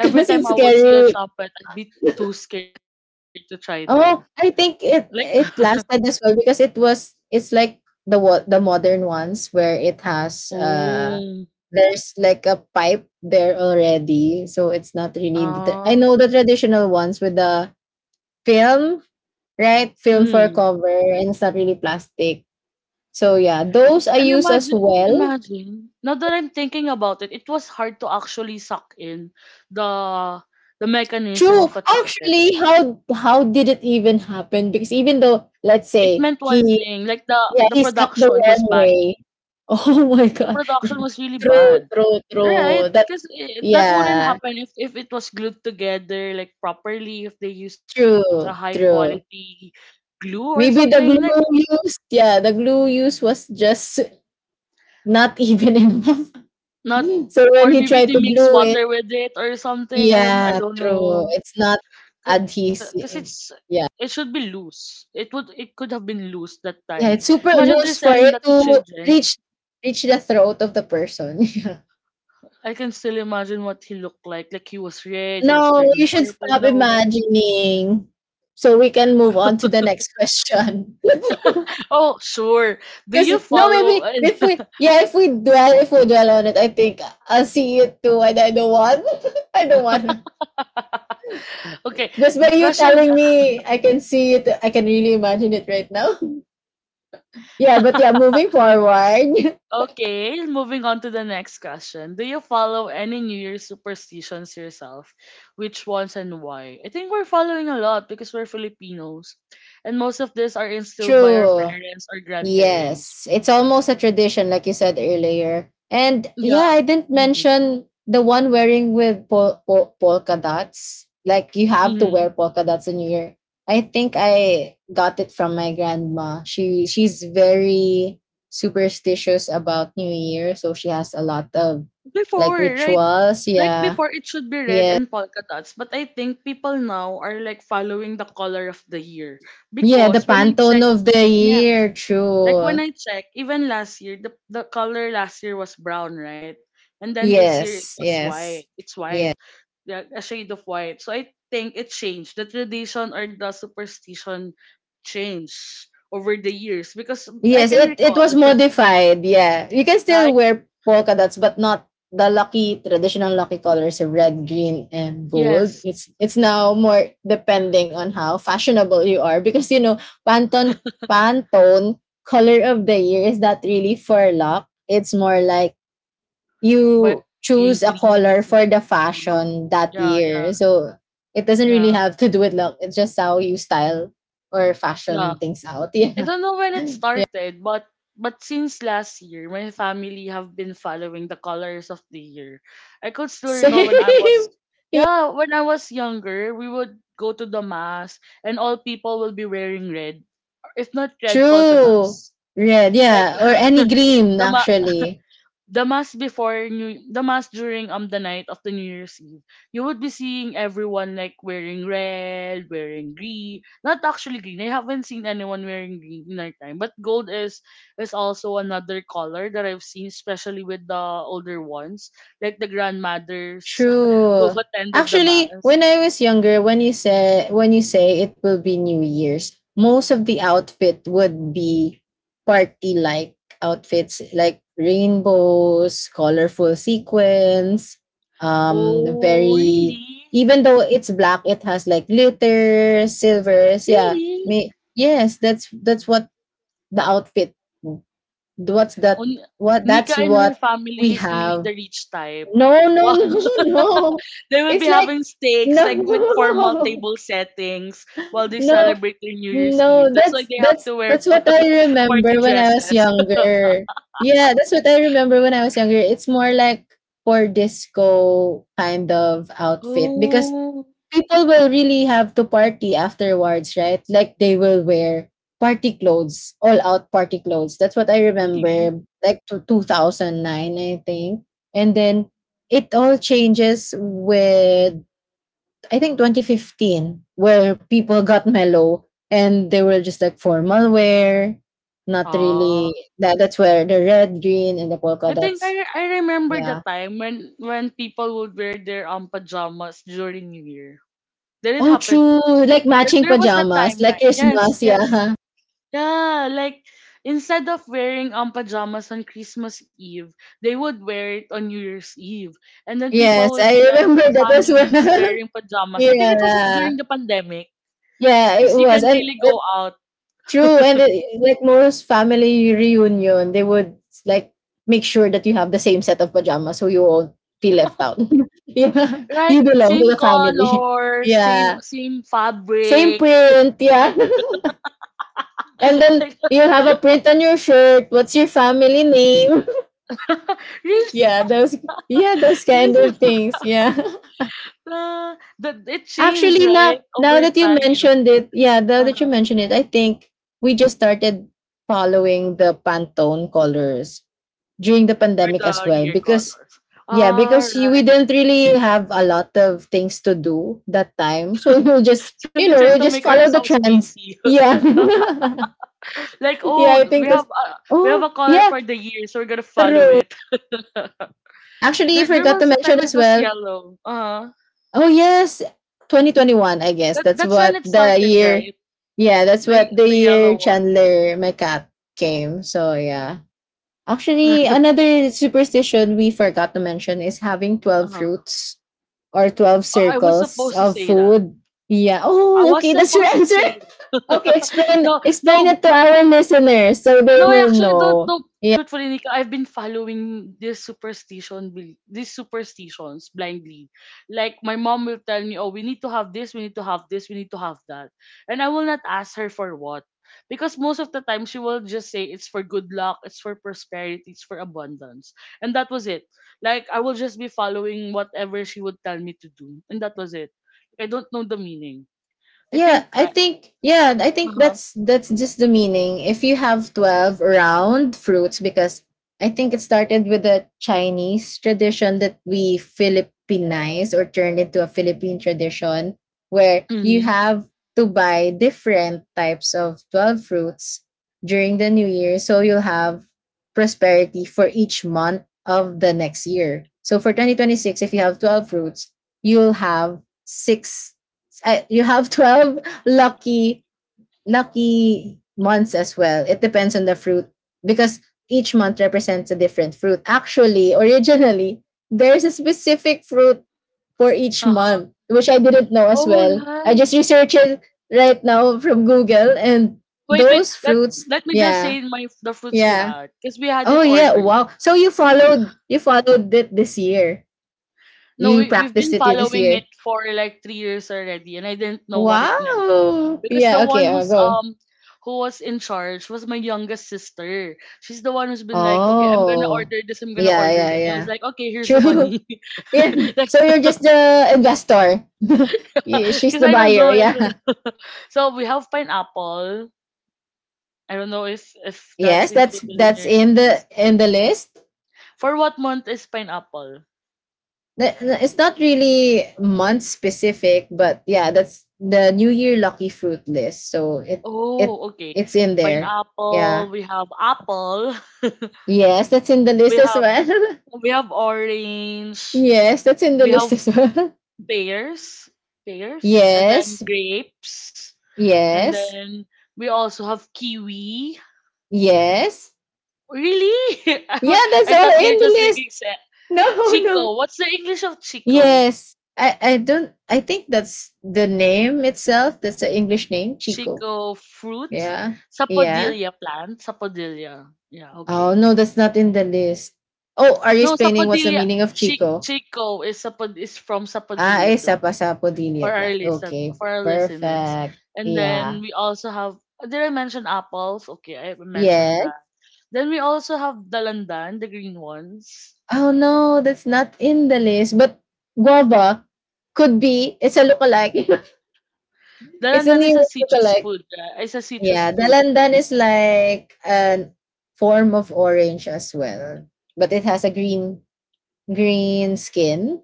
Speaker 1: every time
Speaker 2: it's
Speaker 1: I would see a
Speaker 2: scary.
Speaker 1: trumpet, I'd be too scared to try them.
Speaker 2: Oh, I
Speaker 1: Like
Speaker 2: think it it lasted as well because it was it's like the wa- the modern ones where it has uh
Speaker 1: oh
Speaker 2: there's like a pipe there already, so it's not really the tra-. I
Speaker 1: ah
Speaker 2: know the traditional ones with the film, right? Film
Speaker 1: mm.
Speaker 2: for cover, and it's not really plastic. So yeah, those I
Speaker 1: And
Speaker 2: use as
Speaker 1: imagine,
Speaker 2: well.
Speaker 1: imagine. Now that I'm thinking about it, it was hard to actually suck in the the mechanism
Speaker 2: True.
Speaker 1: of a trumpet.
Speaker 2: Actually, how how did it even happen? Because even though
Speaker 1: It
Speaker 2: let's
Speaker 1: meant
Speaker 2: say
Speaker 1: one
Speaker 2: he,
Speaker 1: thing, like the the
Speaker 2: yeah, he stepped the
Speaker 1: production was
Speaker 2: wrong
Speaker 1: bad.
Speaker 2: way. Oh my
Speaker 1: The
Speaker 2: god.
Speaker 1: production was really
Speaker 2: True,
Speaker 1: bad,
Speaker 2: true,
Speaker 1: right?
Speaker 2: true. That,
Speaker 1: Because that wouldn't
Speaker 2: yeah,
Speaker 1: happen if if it was glued together like properly. If they use a high
Speaker 2: true,
Speaker 1: quality
Speaker 2: true.
Speaker 1: glue or something
Speaker 2: Maybe the
Speaker 1: like
Speaker 2: glue used yeah, the glue used was just not even enough.
Speaker 1: not,
Speaker 2: So when
Speaker 1: or
Speaker 2: he
Speaker 1: maybe
Speaker 2: tried
Speaker 1: they
Speaker 2: to
Speaker 1: mix
Speaker 2: glue it,
Speaker 1: water with it or something. I don't I
Speaker 2: yeah,
Speaker 1: don't
Speaker 2: true.
Speaker 1: know.
Speaker 2: It's not
Speaker 1: Because it's
Speaker 2: adhesive.
Speaker 1: it
Speaker 2: Yeah.
Speaker 1: should be loose. It would it could have been loose that time.
Speaker 2: Yeah, it's super
Speaker 1: Imagine they're
Speaker 2: loose for
Speaker 1: selling that
Speaker 2: it
Speaker 1: to
Speaker 2: to
Speaker 1: children.
Speaker 2: reach reach the throat of the person. Yeah.
Speaker 1: I can still imagine what he looked like. Like he was red, he was
Speaker 2: No, you
Speaker 1: turning
Speaker 2: should
Speaker 1: purple in
Speaker 2: stop
Speaker 1: a way.
Speaker 2: imagining. So we can move on to the next question.
Speaker 1: Oh, sure. Do
Speaker 2: Because
Speaker 1: you
Speaker 2: no,
Speaker 1: follow?
Speaker 2: maybe if we, yeah, if we dwell if we dwell on it, I think I'll see it too, and I don't want. I don't wanna.
Speaker 1: okay,
Speaker 2: Just by you
Speaker 1: question.
Speaker 2: telling me, I can see it. I can really imagine it right now. Yeah, but yeah, moving forward.
Speaker 1: Okay, moving on to the next question. Do you follow any New Year's superstitions yourself? Which ones and why? I think we're following a lot because we're Filipinos. And most of these are instilled by our
Speaker 2: True.
Speaker 1: parents or grandparents.
Speaker 2: Yes, it's almost a tradition, like you said earlier. And
Speaker 1: Yeah.
Speaker 2: yeah, I didn't
Speaker 1: Mm-hmm.
Speaker 2: mention the one wearing with pol- pol- polka dots. Like you have to wear
Speaker 1: Mm-hmm.
Speaker 2: polka dots in New Year. I think I got it from my grandma. She she's very superstitious about New Year, so she has a lot of like
Speaker 1: Before, right?
Speaker 2: rituals.
Speaker 1: Like
Speaker 2: Yeah,
Speaker 1: before, it should be red
Speaker 2: yeah,
Speaker 1: and polka dots. But I think people now are like following the color of the year.
Speaker 2: yeah. The
Speaker 1: Because when I
Speaker 2: Pantone
Speaker 1: check,
Speaker 2: of the
Speaker 1: yeah,
Speaker 2: year,
Speaker 1: like
Speaker 2: true.
Speaker 1: when I check, even last year, the the color last year was brown, right? And then this year it
Speaker 2: Yes,
Speaker 1: was white.
Speaker 2: yes,
Speaker 1: It's white,
Speaker 2: yes.
Speaker 1: yeah, a shade of white. So I think it changed. The tradition or the superstition changed over the years because I
Speaker 2: Yes,
Speaker 1: can
Speaker 2: it it
Speaker 1: recall,
Speaker 2: was modified. Yeah, you can still
Speaker 1: like
Speaker 2: wear polka dots, but not the lucky traditional lucky colors of red, green, and gold.
Speaker 1: yes,
Speaker 2: It's it's now more depending on how fashionable you are because you know Pantone Pantone color of the year is not really for luck. It's more like
Speaker 1: but
Speaker 2: you
Speaker 1: being
Speaker 2: choose a
Speaker 1: clean,
Speaker 2: color for
Speaker 1: looking-
Speaker 2: the
Speaker 1: uh-huh.
Speaker 2: fashion that
Speaker 1: Yeah,
Speaker 2: year.
Speaker 1: yeah,
Speaker 2: So it doesn't really
Speaker 1: yeah,
Speaker 2: have to do with luck. It's just how you style or
Speaker 1: yeah.
Speaker 2: fashion things out.
Speaker 1: I don't know when it
Speaker 2: Yeah.
Speaker 1: started, but but since last year, my family have been following the colors of the year. I could still recall
Speaker 2: Same.
Speaker 1: when I was
Speaker 2: Yeah,
Speaker 1: yeah, when I was younger, we would go to the mass and all people will be wearing red. If not red polka
Speaker 2: true.
Speaker 1: dots.
Speaker 2: Red,
Speaker 1: Like
Speaker 2: yeah, or any green
Speaker 1: the
Speaker 2: actually.
Speaker 1: the mass before new the mass during um the night of the New Year's Eve, you would be seeing everyone like wearing red, wearing green. Not actually green, I haven't seen anyone wearing green in our time, but gold is is also another color that I've seen, especially with the older ones, like the grandmothers who
Speaker 2: True.
Speaker 1: attended the
Speaker 2: Actually,
Speaker 1: mass.
Speaker 2: when I was younger, when you say when you say it will be New Year's, most of the outfit would be party like outfits like rainbows, colorful sequins, um
Speaker 1: Oh,
Speaker 2: very,
Speaker 1: really?
Speaker 2: even though it's black, it has like glitter, silvers, yeah.
Speaker 1: Really?
Speaker 2: May, yes, that's that's what the outfit. What's that?
Speaker 1: On
Speaker 2: What
Speaker 1: Nika
Speaker 2: that's
Speaker 1: and
Speaker 2: what
Speaker 1: her family
Speaker 2: we
Speaker 1: is really
Speaker 2: have.
Speaker 1: the rich type.
Speaker 2: No, no,
Speaker 1: Wow,
Speaker 2: no, no.
Speaker 1: they will be
Speaker 2: It's like
Speaker 1: having steaks
Speaker 2: no,
Speaker 1: like with formal table settings while they
Speaker 2: no,
Speaker 1: celebrate their New Year's
Speaker 2: no.
Speaker 1: Eve. That's why
Speaker 2: That's
Speaker 1: they have
Speaker 2: that's
Speaker 1: to wear
Speaker 2: that's what I
Speaker 1: party
Speaker 2: remember when I was
Speaker 1: dresses.
Speaker 2: younger. Yeah, that's what I remember when I was younger. It's more like for disco kind of outfit because
Speaker 1: Oh,
Speaker 2: people will really have to party afterwards, right? Like they will wear party clothes, all out party clothes. That's what I
Speaker 1: really?
Speaker 2: remember, like to two thousand nine, I think. And then it all changes with, I think, twenty fifteen, where people got mellow and they were just like formal wear, not really.
Speaker 1: Ah.
Speaker 2: That, that's where the red, green, and the polka
Speaker 1: I think
Speaker 2: dots,
Speaker 1: I I remember the
Speaker 2: yeah.
Speaker 1: time when when people would wear their um pajamas during New Year. Did it
Speaker 2: Oh,
Speaker 1: happen?
Speaker 2: true. Like
Speaker 1: There,
Speaker 2: matching
Speaker 1: there was that
Speaker 2: pajamas,
Speaker 1: time,
Speaker 2: like
Speaker 1: right? Yes,
Speaker 2: Christmas,
Speaker 1: yes.
Speaker 2: yeah.
Speaker 1: Yeah, like instead of wearing um pajamas on Christmas Eve, they would wear it on New Year's Eve. And then people
Speaker 2: Yes,
Speaker 1: will
Speaker 2: I
Speaker 1: be like
Speaker 2: remember that as
Speaker 1: families
Speaker 2: well.
Speaker 1: wearing pajamas. I think it was
Speaker 2: Yeah.
Speaker 1: during the pandemic
Speaker 2: Yeah,
Speaker 1: because
Speaker 2: it
Speaker 1: you
Speaker 2: was,
Speaker 1: can't
Speaker 2: and
Speaker 1: really go
Speaker 2: and
Speaker 1: out.
Speaker 2: true, and it like most family reunion, they would like make sure that you have the same set of pajamas so you won't feel left out. Yeah,
Speaker 1: Right?
Speaker 2: you belong to
Speaker 1: Same
Speaker 2: the family.
Speaker 1: color,
Speaker 2: Yeah,
Speaker 1: same same
Speaker 2: same
Speaker 1: fabric.
Speaker 2: print, yeah. And then
Speaker 1: like,
Speaker 2: you have a print on your shirt, what's your family name?
Speaker 1: really?
Speaker 2: Yeah, those, yeah, those kind
Speaker 1: There's
Speaker 2: of
Speaker 1: a-
Speaker 2: things, yeah.
Speaker 1: uh, the, it changed,
Speaker 2: Actually, now
Speaker 1: right?
Speaker 2: now
Speaker 1: Over
Speaker 2: that you
Speaker 1: time.
Speaker 2: mentioned it, yeah, now that you
Speaker 1: Uh-huh.
Speaker 2: mentioned it, I think we just started following the Pantone colors during the
Speaker 1: Or
Speaker 2: pandemic as
Speaker 1: the
Speaker 2: well
Speaker 1: year
Speaker 2: because
Speaker 1: colors.
Speaker 2: yeah,
Speaker 1: All
Speaker 2: because you, we
Speaker 1: right.
Speaker 2: didn't really have a lot of things to do that time, so we'll just
Speaker 1: So we
Speaker 2: you
Speaker 1: try
Speaker 2: know
Speaker 1: to
Speaker 2: we'll
Speaker 1: make
Speaker 2: just follow the
Speaker 1: ourselves
Speaker 2: trends.
Speaker 1: busy.
Speaker 2: Yeah,
Speaker 1: like,
Speaker 2: yeah,
Speaker 1: oh,
Speaker 2: I
Speaker 1: we
Speaker 2: think
Speaker 1: have
Speaker 2: this.
Speaker 1: a, we have
Speaker 2: Oh
Speaker 1: a color
Speaker 2: yeah,
Speaker 1: for the year, so we're gonna follow
Speaker 2: true.
Speaker 1: it. there
Speaker 2: Actually, I
Speaker 1: there
Speaker 2: forgot to
Speaker 1: was a
Speaker 2: mention
Speaker 1: time it
Speaker 2: as
Speaker 1: was
Speaker 2: well.
Speaker 1: yellow. Uh
Speaker 2: Oh yes, twenty twenty-one. I guess
Speaker 1: that
Speaker 2: that's
Speaker 1: that's when
Speaker 2: what
Speaker 1: it
Speaker 2: the
Speaker 1: started,
Speaker 2: year.
Speaker 1: right?
Speaker 2: Yeah, that's
Speaker 1: The
Speaker 2: what the
Speaker 1: the
Speaker 2: year
Speaker 1: yellow one.
Speaker 2: Chandler McCat came. So yeah, actually,
Speaker 1: uh
Speaker 2: another superstition we forgot to mention is having twelve
Speaker 1: huh.
Speaker 2: fruits or twelve
Speaker 1: I was
Speaker 2: circles
Speaker 1: supposed to
Speaker 2: of
Speaker 1: say that.
Speaker 2: food. Yeah.
Speaker 1: I
Speaker 2: Oh,
Speaker 1: was
Speaker 2: okay. That's your
Speaker 1: supposed to
Speaker 2: answer.
Speaker 1: say that.
Speaker 2: Okay, explain
Speaker 1: no,
Speaker 2: explain
Speaker 1: no,
Speaker 2: it to
Speaker 1: but
Speaker 2: our listeners so they
Speaker 1: no, I
Speaker 2: will
Speaker 1: actually don't
Speaker 2: know.
Speaker 1: know. Truthfully, Nika, I've been following this superstition, bel- these superstitions blindly. Like my mom will tell me, "Oh, we need to have this, we need to have this, we need to have that," and I will not ask her for what, because most of the time she will just say it's for good luck, it's for prosperity, it's for abundance, and that was it. Like I will just be following whatever she would tell me to do, and that was it. I don't know the meaning. I
Speaker 2: Yeah,
Speaker 1: think
Speaker 2: I
Speaker 1: I.
Speaker 2: think, yeah i
Speaker 1: Uh
Speaker 2: think
Speaker 1: huh.
Speaker 2: that's that's just the meaning if you have twelve round fruits because I think it started with a Chinese tradition that we Philippinized or turned into a Philippine tradition where you
Speaker 1: Mm-hmm.
Speaker 2: have to buy different types of twelve fruits during the new year so you'll have prosperity for each month of the next year. So for twenty twenty-six, if you have twelve fruits, you'll have six uh, you have twelve lucky lucky months as well. It depends on the fruit because each month represents a different fruit. Actually, originally, there's a specific fruit for each
Speaker 1: Uh huh.
Speaker 2: month, which I didn't know as
Speaker 1: All
Speaker 2: well. I
Speaker 1: right.
Speaker 2: just researched it right now from Google. And
Speaker 1: Wait, wait.
Speaker 2: those
Speaker 1: Let
Speaker 2: fruits,
Speaker 1: let me just
Speaker 2: yeah.
Speaker 1: say my the fruits we
Speaker 2: Yeah.
Speaker 1: had because we had
Speaker 2: Oh
Speaker 1: it
Speaker 2: yeah,
Speaker 1: ordered.
Speaker 2: wow. So you followed, you followed it this year.
Speaker 1: No,
Speaker 2: You
Speaker 1: we, we've
Speaker 2: practiced
Speaker 1: been
Speaker 2: it this
Speaker 1: following it
Speaker 2: year.
Speaker 1: for like three years already, and I didn't know what it meant
Speaker 2: Wow,
Speaker 1: because the
Speaker 2: yeah,
Speaker 1: one
Speaker 2: okay, I'll
Speaker 1: who's
Speaker 2: go.
Speaker 1: um who was in charge was my youngest sister. She's the one who's been like, okay, I'm gonna
Speaker 2: Oh.
Speaker 1: order this, I'm gonna
Speaker 2: Yeah,
Speaker 1: order
Speaker 2: yeah,
Speaker 1: that. And I
Speaker 2: yeah.
Speaker 1: was like, okay, here's the
Speaker 2: True.
Speaker 1: money,
Speaker 2: Yeah.
Speaker 1: like,
Speaker 2: So you're just the investor. Y- She's
Speaker 1: because
Speaker 2: the
Speaker 1: I don't
Speaker 2: buyer.
Speaker 1: know. Is
Speaker 2: Yeah.
Speaker 1: it- so we have pineapple. I don't know if if
Speaker 2: Yes,
Speaker 1: that's
Speaker 2: that's
Speaker 1: included in
Speaker 2: that's
Speaker 1: your
Speaker 2: in the
Speaker 1: list.
Speaker 2: in the list.
Speaker 1: For what month is pineapple?
Speaker 2: Th- th- It's not really month specific, but yeah, that's the New Year lucky fruit list. So it it
Speaker 1: Oh, okay.
Speaker 2: it's in there. Yeah.
Speaker 1: Pineapple, we have apple,
Speaker 2: Yes, that's in the list
Speaker 1: we
Speaker 2: as
Speaker 1: have
Speaker 2: well.
Speaker 1: we have orange,
Speaker 2: Yes, that's in the
Speaker 1: we
Speaker 2: list
Speaker 1: have
Speaker 2: as well.
Speaker 1: pears, pears, and
Speaker 2: Yes.
Speaker 1: then grapes, and
Speaker 2: Yes.
Speaker 1: then we also have kiwi.
Speaker 2: Yes.
Speaker 1: Really? I
Speaker 2: Yeah,
Speaker 1: was,
Speaker 2: that's
Speaker 1: I
Speaker 2: all
Speaker 1: thought they're
Speaker 2: in the
Speaker 1: just
Speaker 2: list.
Speaker 1: making sense.
Speaker 2: No, no.
Speaker 1: Chico, what's the English of chico?
Speaker 2: Yes. I, I don't I think that's the name itself. That's an English name, Chico.
Speaker 1: Chico fruit?
Speaker 2: Yeah. Yeah.
Speaker 1: Sapodilla plant? Sapodilla. Yeah,
Speaker 2: Oh
Speaker 1: okay.
Speaker 2: no, that's not in the list. Oh, are you
Speaker 1: No,
Speaker 2: explaining what's the
Speaker 1: sapodilla.
Speaker 2: meaning of
Speaker 1: Chi-
Speaker 2: Chico?
Speaker 1: chico is sapod is from
Speaker 2: Ah,
Speaker 1: sapodilla
Speaker 2: eh,
Speaker 1: plant.
Speaker 2: sapo-sapo
Speaker 1: for
Speaker 2: dilia pla.
Speaker 1: our listen
Speaker 2: Okay.
Speaker 1: for our listeners.
Speaker 2: Perfect.
Speaker 1: And then
Speaker 2: Yeah.
Speaker 1: we also have did I mention apples? Okay, I mentioned
Speaker 2: Yes.
Speaker 1: that. Then we also have dalandan, the green ones.
Speaker 2: Oh no, that's not in the list. But guava could be, it's a lookalike. It's a
Speaker 1: Dalandan is a
Speaker 2: nearest
Speaker 1: citrus
Speaker 2: lookalike.
Speaker 1: food, right? It's a citrus
Speaker 2: Yeah,
Speaker 1: fruit.
Speaker 2: dalandan is like a form of orange as well, but it has a green green skin,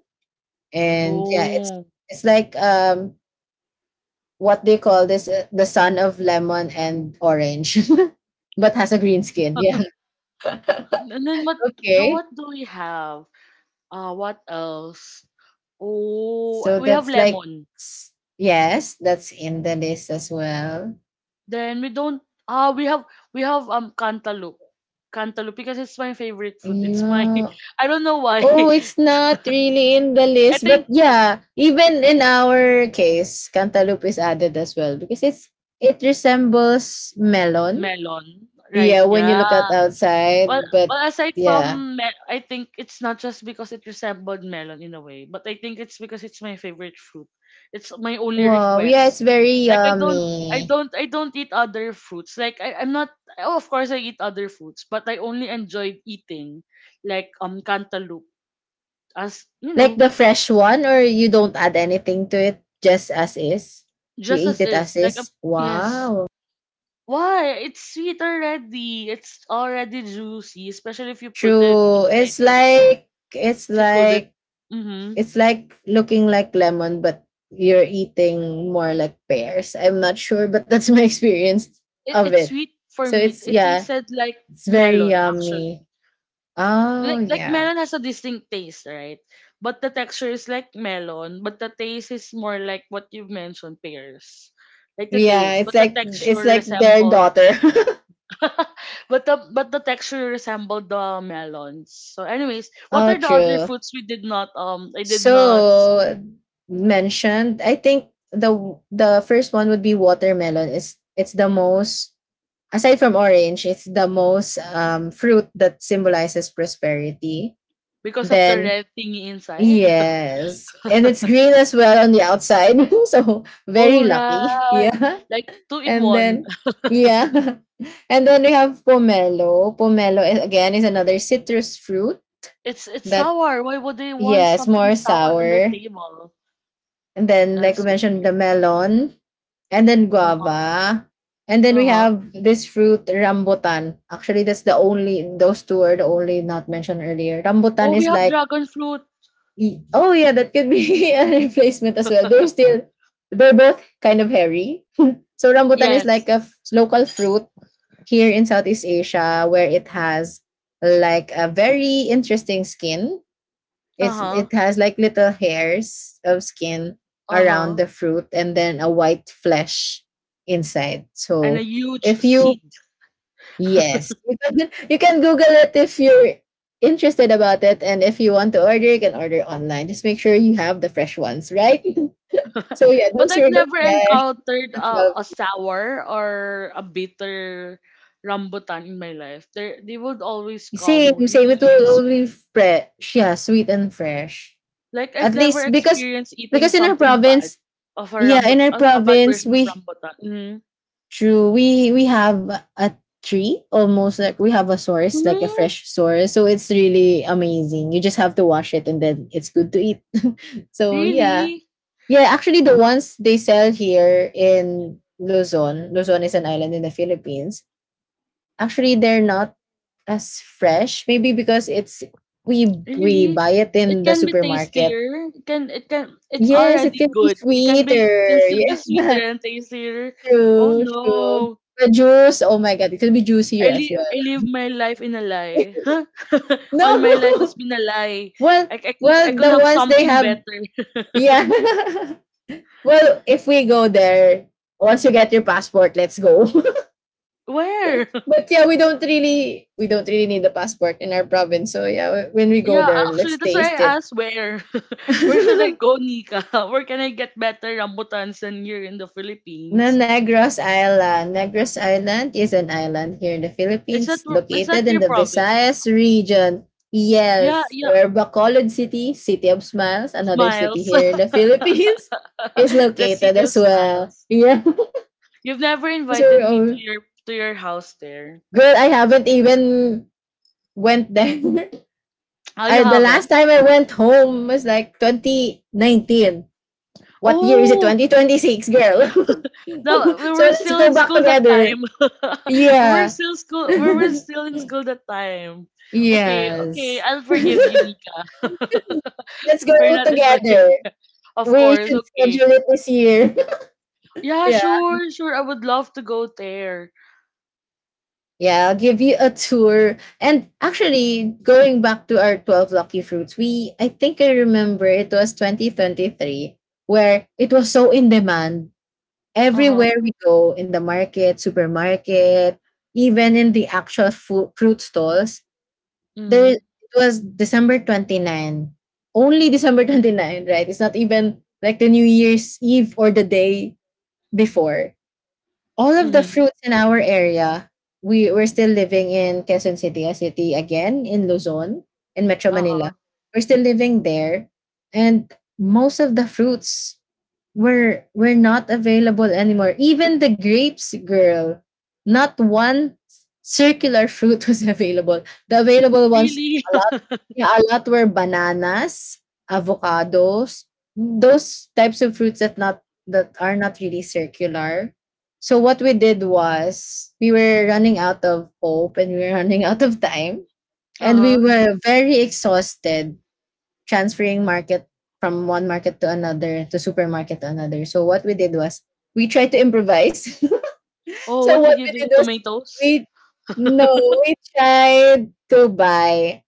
Speaker 2: and yeah, it's
Speaker 1: Oh.
Speaker 2: it's like um what they call this, uh, the son of lemon and orange, but has a green skin. Yeah.
Speaker 1: And then what do
Speaker 2: Okay.
Speaker 1: what do we have? Uh, what else? Oh,
Speaker 2: So
Speaker 1: we have
Speaker 2: that's like
Speaker 1: lemon.
Speaker 2: s- yes, that's in the list as well.
Speaker 1: Then we don't ah we have we have um cantaloupe. Cantaloupe because it's my favorite food. It's my
Speaker 2: Yeah.
Speaker 1: I don't know why.
Speaker 2: Oh, it's not really in the
Speaker 1: I
Speaker 2: list, but
Speaker 1: think
Speaker 2: yeah, even in our case, cantaloupe is added as well because it's it resembles melon.
Speaker 1: melon, right,
Speaker 2: Yeah, when you look at
Speaker 1: yeah. Well
Speaker 2: outside, but
Speaker 1: well, aside
Speaker 2: yeah.
Speaker 1: from me, I think it's not just because it resembled melon in a way, but I think it's because it's my favorite fruit. It's my only
Speaker 2: Wow, yeah, it's
Speaker 1: request.
Speaker 2: very
Speaker 1: Like I don't I
Speaker 2: yummy.
Speaker 1: don't I don't eat other fruits. Like I, I'm not oh, of course I eat other fruits, but I only enjoyed eating like um cantaloupe, as you
Speaker 2: Like
Speaker 1: know
Speaker 2: the fresh
Speaker 1: as,
Speaker 2: one or you don't add anything to it, just as is. You
Speaker 1: just
Speaker 2: eat
Speaker 1: as
Speaker 2: it as
Speaker 1: is. Like um,
Speaker 2: is.
Speaker 1: yes.
Speaker 2: Wow.
Speaker 1: Why? It's sweet already. It's already juicy, especially if you put it
Speaker 2: True.
Speaker 1: inside
Speaker 2: It's
Speaker 1: the wrap.
Speaker 2: like it's
Speaker 1: If you cold it.
Speaker 2: like
Speaker 1: Mm-hmm.
Speaker 2: it's like looking like lemon, but you're eating more like pears. I'm not sure, but that's my experience
Speaker 1: It,
Speaker 2: of
Speaker 1: it's
Speaker 2: it.
Speaker 1: sweet for
Speaker 2: So
Speaker 1: me. It,
Speaker 2: it's
Speaker 1: it
Speaker 2: yeah,
Speaker 1: tasted like
Speaker 2: it's very
Speaker 1: melon,
Speaker 2: yummy.
Speaker 1: actually.
Speaker 2: Oh
Speaker 1: Like like
Speaker 2: yeah.
Speaker 1: melon has a distinct taste, right? But the texture is like melon, but the taste is more like what you've mentioned, pears. Like the
Speaker 2: Yeah,
Speaker 1: taste,
Speaker 2: it's
Speaker 1: but the
Speaker 2: like
Speaker 1: texture
Speaker 2: it's like their
Speaker 1: resembles.
Speaker 2: daughter.
Speaker 1: but the but the texture resembled the melons. So anyways, what
Speaker 2: oh
Speaker 1: are the other
Speaker 2: true.
Speaker 1: foods we did not, um I did not
Speaker 2: So
Speaker 1: say?
Speaker 2: mentioned, I think the the first one would be watermelon. It's it's the most aside from orange, it's the most um fruit that symbolizes prosperity.
Speaker 1: Because of the
Speaker 2: Then
Speaker 1: red thingy inside?
Speaker 2: yes. And it's green as well on the outside. So
Speaker 1: Oh,
Speaker 2: very lucky.
Speaker 1: right,
Speaker 2: Yeah.
Speaker 1: like two in
Speaker 2: And
Speaker 1: one.
Speaker 2: then yeah. And then we have pomelo. Pomelo is, again, is another citrus fruit
Speaker 1: It's it's
Speaker 2: that
Speaker 1: sour. Why would they want
Speaker 2: yes,
Speaker 1: something
Speaker 2: more
Speaker 1: sour on their
Speaker 2: sour.
Speaker 1: table?
Speaker 2: And then like
Speaker 1: That's
Speaker 2: we
Speaker 1: so
Speaker 2: mentioned, the
Speaker 1: weird.
Speaker 2: melon, and then
Speaker 1: Uh huh.
Speaker 2: guava. And then
Speaker 1: Uh
Speaker 2: we
Speaker 1: huh.
Speaker 2: have this fruit, rambutan. Actually, that's the only those two are the only not mentioned earlier. Rambutan
Speaker 1: Oh, we
Speaker 2: is
Speaker 1: have
Speaker 2: like
Speaker 1: dragon fruit.
Speaker 2: Y- oh yeah, that could be a replacement as well. They're still they're both kind of hairy. So rambutan is
Speaker 1: Yes.
Speaker 2: like a f- local fruit here in Southeast Asia, where it has like a very interesting skin.
Speaker 1: Uh
Speaker 2: It's
Speaker 1: huh.
Speaker 2: it has like little hairs of skin
Speaker 1: Uh
Speaker 2: around
Speaker 1: huh.
Speaker 2: the fruit, and then a white flesh inside.
Speaker 1: And a
Speaker 2: So
Speaker 1: huge
Speaker 2: if you
Speaker 1: seed.
Speaker 2: yes, you can you can Google it if you're interested about it, and if you want to order, you can order online. Just make sure you have the fresh ones, right? So yeah,
Speaker 1: But
Speaker 2: those
Speaker 1: I've
Speaker 2: are the
Speaker 1: never
Speaker 2: fresh,
Speaker 1: encountered
Speaker 2: the twelve.
Speaker 1: a, a sour or a bitter rambutan in my life. They they would always come
Speaker 2: Same, same.
Speaker 1: really,
Speaker 2: It
Speaker 1: really
Speaker 2: will
Speaker 1: sweet.
Speaker 2: only fresh, yeah, sweet and fresh.
Speaker 1: Like I've
Speaker 2: At
Speaker 1: never
Speaker 2: least because
Speaker 1: experienced eating
Speaker 2: because in our
Speaker 1: something bad
Speaker 2: province,
Speaker 1: of a
Speaker 2: yeah, in
Speaker 1: rambut
Speaker 2: our
Speaker 1: as a bad
Speaker 2: province,
Speaker 1: version of
Speaker 2: we
Speaker 1: rambutan. Mm.
Speaker 2: true we we have a tree. Almost like we have a source, like a
Speaker 1: Mm,
Speaker 2: fresh source, so it's really amazing. You just have to wash it and then it's good to eat. So yeah.
Speaker 1: really,
Speaker 2: Yeah, actually the ones they sell here in Luzon, Luzon is an island in the Philippines. Actually they're not as fresh, maybe because it's we we
Speaker 1: really,
Speaker 2: buy it
Speaker 1: it
Speaker 2: in the
Speaker 1: can be
Speaker 2: supermarket.
Speaker 1: tastier. It can it can it's
Speaker 2: Yes, it
Speaker 1: already
Speaker 2: can be
Speaker 1: good. It can
Speaker 2: sweeter.
Speaker 1: be can still be sweeter
Speaker 2: Yeah.
Speaker 1: and tastier. Oh
Speaker 2: True, true.
Speaker 1: no!
Speaker 2: The juice, oh my god, it can be juicier
Speaker 1: I
Speaker 2: as
Speaker 1: live
Speaker 2: well.
Speaker 1: I live my life in a lie. Huh? All my life has
Speaker 2: No.
Speaker 1: been a lie.
Speaker 2: Well,
Speaker 1: I, I could I
Speaker 2: well,
Speaker 1: could
Speaker 2: the
Speaker 1: have
Speaker 2: ones they
Speaker 1: something
Speaker 2: have,
Speaker 1: better.
Speaker 2: yeah. well, if we go there, once you get your passport, let's go.
Speaker 1: Where?
Speaker 2: But yeah, we don't really we don't really need a passport in our province. So yeah, when we go
Speaker 1: Yeah,
Speaker 2: there,
Speaker 1: actually
Speaker 2: let's
Speaker 1: that's why
Speaker 2: taste
Speaker 1: I
Speaker 2: it.
Speaker 1: asked where. Where should I go, Nika? Where can I get better rambutans than here in the
Speaker 2: Na
Speaker 1: Philippines?
Speaker 2: Negros Island. Negros Island is an island here in the
Speaker 1: Is that
Speaker 2: Philippines,
Speaker 1: pro- is
Speaker 2: located
Speaker 1: that
Speaker 2: in
Speaker 1: your
Speaker 2: the
Speaker 1: province?
Speaker 2: Visayas region.
Speaker 1: Yeah,
Speaker 2: Yes,
Speaker 1: yeah,
Speaker 2: where Bacolod City, City of Smiles, another city
Speaker 1: smiles.
Speaker 2: here in the Philippines, is
Speaker 1: The
Speaker 2: located
Speaker 1: city of
Speaker 2: as well.
Speaker 1: smiles.
Speaker 2: Yeah.
Speaker 1: You've never
Speaker 2: So,
Speaker 1: invited me
Speaker 2: oh,
Speaker 1: to your to your house there.
Speaker 2: girl, I haven't even went there.
Speaker 1: Oh, you
Speaker 2: I, the last
Speaker 1: haven't?
Speaker 2: time I went home was like twenty nineteen. What year is it?
Speaker 1: Oh,
Speaker 2: twenty twenty-six, girl.
Speaker 1: no, we
Speaker 2: So
Speaker 1: were
Speaker 2: let's
Speaker 1: still
Speaker 2: go
Speaker 1: in
Speaker 2: back
Speaker 1: school that
Speaker 2: together.
Speaker 1: time. we were
Speaker 2: Yeah.
Speaker 1: still school. We were still in school that time. Okay, okay,
Speaker 2: Yes.
Speaker 1: I'll forgive you,
Speaker 2: Let's
Speaker 1: Nika. We're
Speaker 2: go
Speaker 1: not
Speaker 2: together.
Speaker 1: inviting. Of
Speaker 2: We
Speaker 1: course,
Speaker 2: should
Speaker 1: okay.
Speaker 2: schedule it this year.
Speaker 1: Yeah,
Speaker 2: yeah.
Speaker 1: sure, sure. I would love to go there.
Speaker 2: Yeah, I'll give you a tour. And actually, going back to our twelve lucky fruits, we I think I remember it was twenty twenty-three where it was so in demand.
Speaker 1: Uh huh.
Speaker 2: Everywhere we go in the market, supermarket, even in the actual food, fruit stalls, there
Speaker 1: Mhm.
Speaker 2: it was December 29. Only December 29, right? It's not even like the New Year's Eve or the day before all of the
Speaker 1: Mhm.
Speaker 2: fruits in our area, we we're still living in Quezon City, a city again in Luzon, in Metro
Speaker 1: Uh
Speaker 2: Manila.
Speaker 1: huh.
Speaker 2: We're still living there, and most of the fruits were were not available anymore. Even the grapes, girl, not one circular fruit was available. The available ones
Speaker 1: Really?
Speaker 2: yeah, a lot were bananas, avocados, those types of fruits that not that are not really circular. So what we did was we were running out of hope, and we were running out of time,
Speaker 1: Uh
Speaker 2: and we
Speaker 1: huh.
Speaker 2: were very exhausted transferring market from one market to another, to supermarket to another. So what we did was we tried to improvise.
Speaker 1: Oh,
Speaker 2: So
Speaker 1: what
Speaker 2: what
Speaker 1: did you
Speaker 2: we did
Speaker 1: do?
Speaker 2: was
Speaker 1: Tomatoes?
Speaker 2: we no, we tried to buy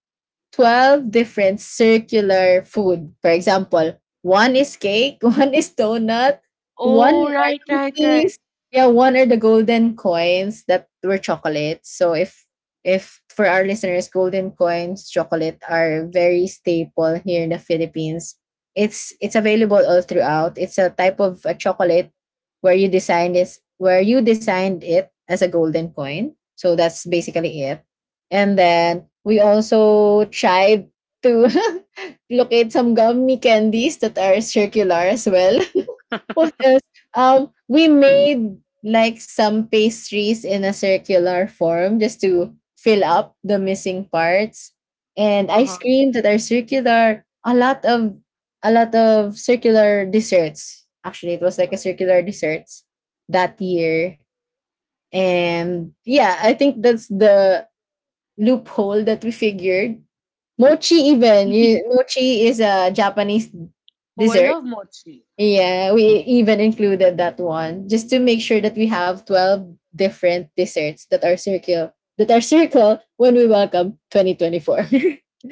Speaker 2: twelve different circular food. For example, one is cake, one is donut, one
Speaker 1: Oh,
Speaker 2: are
Speaker 1: right, right, right.
Speaker 2: cookies. Yeah, one are the golden coins that were chocolates. So if if for our listeners, golden coins, chocolate are very staple here in the Philippines. It's it's available all throughout. It's a type of a chocolate where you design this where you designed it as a golden coin. So that's basically it. And then we also tried to locate some gummy candies that are circular as well. What else? Um, we made like some pastries in a circular form, just to fill up the missing parts, and
Speaker 1: Uh huh.
Speaker 2: ice cream that are circular. A lot of a lot of circular desserts. Actually, it was like a circular desserts that year, and yeah, I think that's the loophole that we figured. Mochi even. You, mochi is a Japanese
Speaker 1: Oh, I
Speaker 2: dessert.
Speaker 1: love mochi.
Speaker 2: Yeah, we even included that one just to make sure that we have twelve different desserts that are circle that are circle when we welcome twenty twenty-four. So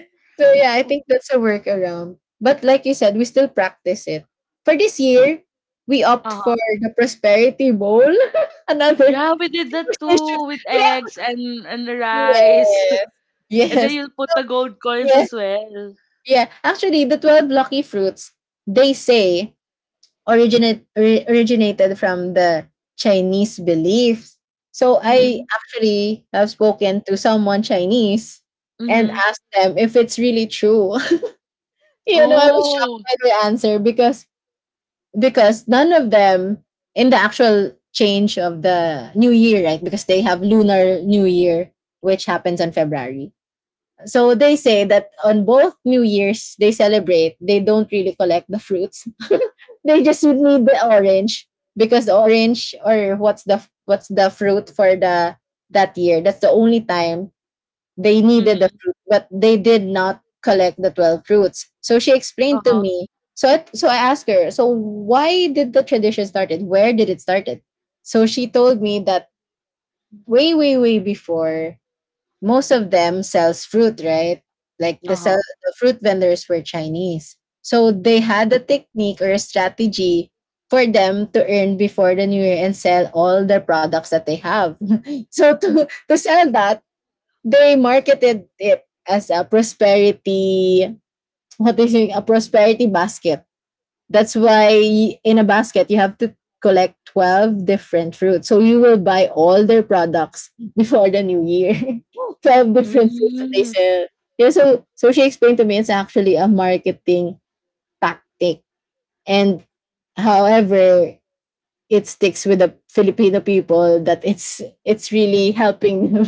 Speaker 2: yeah, I
Speaker 1: Uh
Speaker 2: think that's a workaround. But like you said, we still practice it. For this year, we opt
Speaker 1: huh.
Speaker 2: for the prosperity bowl. Another
Speaker 1: Yeah, we did that too with
Speaker 2: yeah.
Speaker 1: eggs and and
Speaker 2: Yes.
Speaker 1: rice, and then
Speaker 2: Yes.
Speaker 1: you'll put the gold coins
Speaker 2: Yes.
Speaker 1: as well.
Speaker 2: Yeah, actually, the twelve lucky fruits, they say, originate, ori- originated from the Chinese beliefs. So I
Speaker 1: Mhm.
Speaker 2: actually have spoken to someone Chinese and
Speaker 1: Mhm.
Speaker 2: asked them if it's really true. You know, I was shocked
Speaker 1: Oh.
Speaker 2: by the answer because because none of them in the actual change of the new year, right? Because they have lunar new year, which happens on February. So they say that on both New Year's they celebrate. They don't really collect the fruits. They just would need the orange because the orange or what's the what's the fruit for the that year. That's the only time they needed the
Speaker 1: Mhm.
Speaker 2: fruit, but they did not collect the twelve fruits. So she
Speaker 1: Uh
Speaker 2: explained to
Speaker 1: huh.
Speaker 2: me. So I, so I asked her. So why did the tradition started? Where did it started? So she told me that way way way before most of them sells fruit, right? Like
Speaker 1: Uh
Speaker 2: the
Speaker 1: huh.
Speaker 2: sell the fruit vendors were Chinese. So they had a technique or a strategy for them to earn before the new year and sell all the products that they have. So to to sell that, they marketed it as a prosperity what they say, a prosperity basket. That's why in a basket you have to collect twelve different fruits. So you will buy all their products before the new year. Twelve different fruits that they
Speaker 1: Mm.
Speaker 2: sell. Yeah, so so she explained to me it's actually a marketing tactic. And however, it sticks with the Filipino people that it's it's really helping them.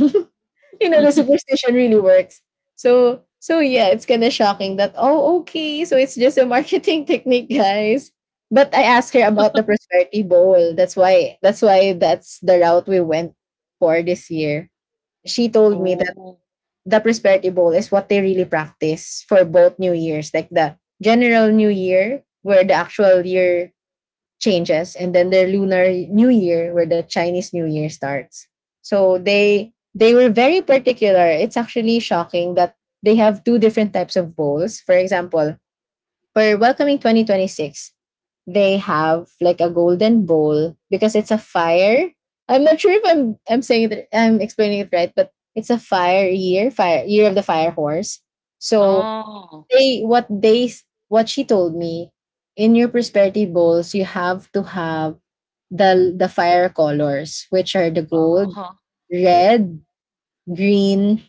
Speaker 2: You know the superstition really works. So so yeah, it's kind of shocking that oh okay, so it's just a marketing technique, guys. But I asked her about the prosperity bowl. That's why that's why that's the route we went for this year. She told me that
Speaker 1: Oh.
Speaker 2: the prosperity bowl is what they really practice for both new years, like the general new year where the actual year changes, and then their lunar new year where the Chinese new year starts. So they they were very particular. It's actually shocking that they have two different types of bowls. For example, for welcoming twenty twenty-six, they have like a golden bowl because it's a fire. I'm not sure if i'm i'm saying it i'm explaining it right, but it's a fire year, fire year of the fire horse. So
Speaker 1: Oh.
Speaker 2: they what they s- what she told me, in your prosperity bowls you have to have the the fire colors, which are the
Speaker 1: Uh
Speaker 2: gold,
Speaker 1: huh.
Speaker 2: red, green.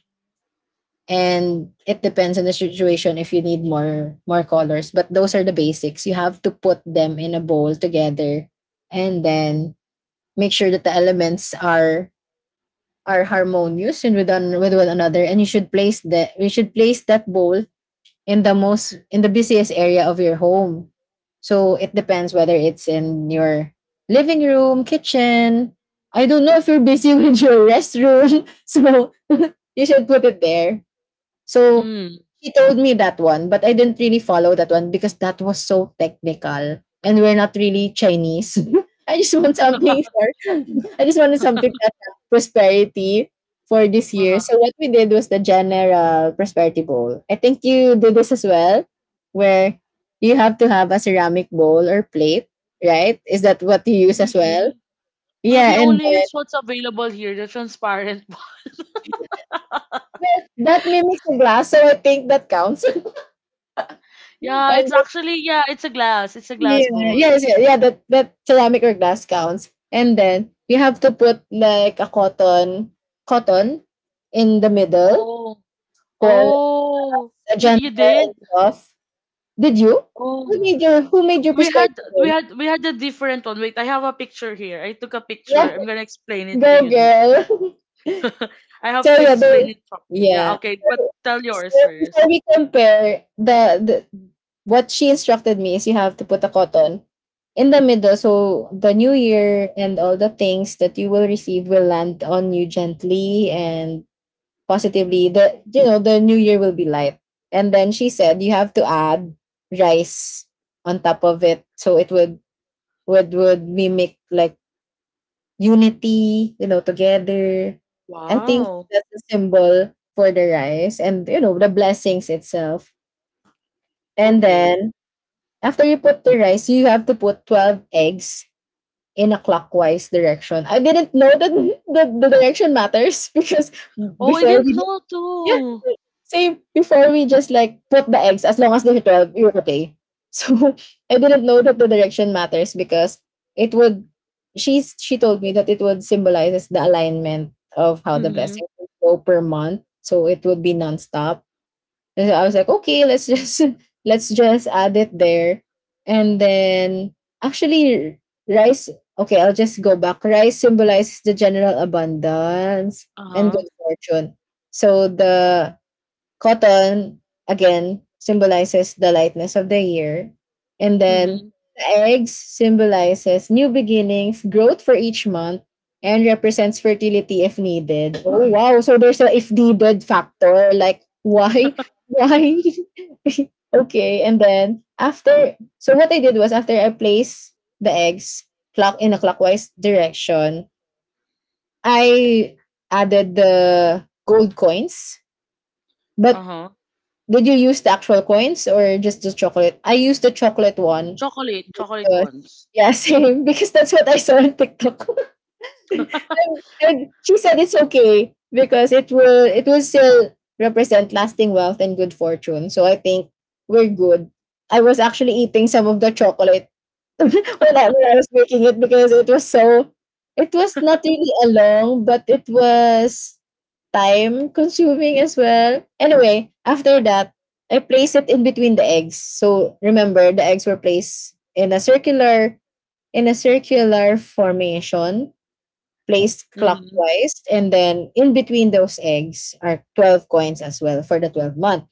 Speaker 2: And it depends on the situation if you need more more colors, but those are the basics. You have to put them in a bowl together, and then make sure that the elements are are harmonious and with, one with one another. And you should place that you should place that bowl in the most in the busiest area of your home. So it depends whether it's in your living room, kitchen. I don't know if you're busy with your restroom, so you should put it there. So
Speaker 1: Mm.
Speaker 2: she told me that one, but I didn't really follow that one because that was so technical and we're not really Chinese. I just want something for I just wanted something that had prosperity for this
Speaker 1: Uh huh.
Speaker 2: year. So what we did was the general prosperity bowl. I think you do this as well, where you have to have a ceramic bowl or plate, right? Is that what you use as well?
Speaker 1: Really? We we
Speaker 2: Yeah, and
Speaker 1: only use
Speaker 2: then
Speaker 1: what's available here, the transparent one.
Speaker 2: that mimics a glass, so I think that counts.
Speaker 1: Yeah, it's
Speaker 2: And
Speaker 1: actually yeah, it's a glass. It's a glass
Speaker 2: yeah,
Speaker 1: bowl.
Speaker 2: yes, yeah, yeah, that that ceramic or glass counts. And then you have to put like a cotton cotton in the middle
Speaker 1: Oh.
Speaker 2: for
Speaker 1: Oh.
Speaker 2: a
Speaker 1: You,
Speaker 2: gentle
Speaker 1: you
Speaker 2: and
Speaker 1: did?
Speaker 2: soft. Did you? Who
Speaker 1: Oh.
Speaker 2: made your who made your
Speaker 1: we had
Speaker 2: perspective?
Speaker 1: we
Speaker 2: Roll?
Speaker 1: had we had a different one. Wait, I have a picture here. I took a picture.
Speaker 2: Yeah,
Speaker 1: I'm gonna explain it to
Speaker 2: go
Speaker 1: you, Nika.
Speaker 2: girl.
Speaker 1: I
Speaker 2: so
Speaker 1: have to
Speaker 2: yeah,
Speaker 1: explain
Speaker 2: the,
Speaker 1: it properly. Yeah,
Speaker 2: yeah.
Speaker 1: okay, but tell
Speaker 2: So
Speaker 1: yours
Speaker 2: before
Speaker 1: first.
Speaker 2: we compare, the, the what she instructed me is you have to put a cotton in the middle so the new year and all the things that you will receive will land on you gently and positively. The you know The new year will be light. And then she said you have to add rice on top of it so it would would would mimic like unity, you know, together. I think
Speaker 1: Wow.
Speaker 2: that's a symbol for the rice and you know the blessings itself. And
Speaker 1: Okay.
Speaker 2: then after you put the rice, you have to put twelve eggs in a clockwise direction. I didn't know that the, the direction matters because
Speaker 1: Oh, I
Speaker 2: before
Speaker 1: didn't
Speaker 2: we did-
Speaker 1: know
Speaker 2: yeah,
Speaker 1: too.
Speaker 2: same, before we just like put the eggs as long as they're twelve, you're okay. So I didn't know that the direction matters because it would she's she told me that it would symbolizes the alignment of how the
Speaker 1: Mhm.
Speaker 2: blessings would go per month. So it would be nonstop. And so I was like, okay, let's just let's just add it there. And then actually rice, okay, I'll just go back. Rice symbolizes the general abundance
Speaker 1: Uh
Speaker 2: and
Speaker 1: huh.
Speaker 2: good fortune. So the cotton, again, symbolizes the lightness of the year. And then
Speaker 1: Mhm.
Speaker 2: the eggs symbolizes new beginnings, growth for each month, and represents fertility if needed. Oh wow, so there's a if needed factor. Like why? Why? Okay, and then after, so what I did was after I placed the eggs clock in a clockwise direction, I added the gold coins.
Speaker 1: Uh
Speaker 2: But
Speaker 1: huh.
Speaker 2: did you use the actual coins or just the chocolate? I used the chocolate one.
Speaker 1: Chocolate, chocolate
Speaker 2: 'cause-
Speaker 1: ones.
Speaker 2: yeah, same. Because that's what I saw on TikTok. And she said it's okay because it will it will still represent lasting wealth and good fortune. So I think we're good. I was actually eating some of the chocolate when I, when I was making it because it was so, it was not really a long, but it was time consuming as well. Anyway, after that, I placed it in between the eggs. So remember, the eggs were placed in a circular in a circular formation, placed
Speaker 1: Mhm.
Speaker 2: clockwise, and then in between those eggs are twelve coins as well for the twelve month.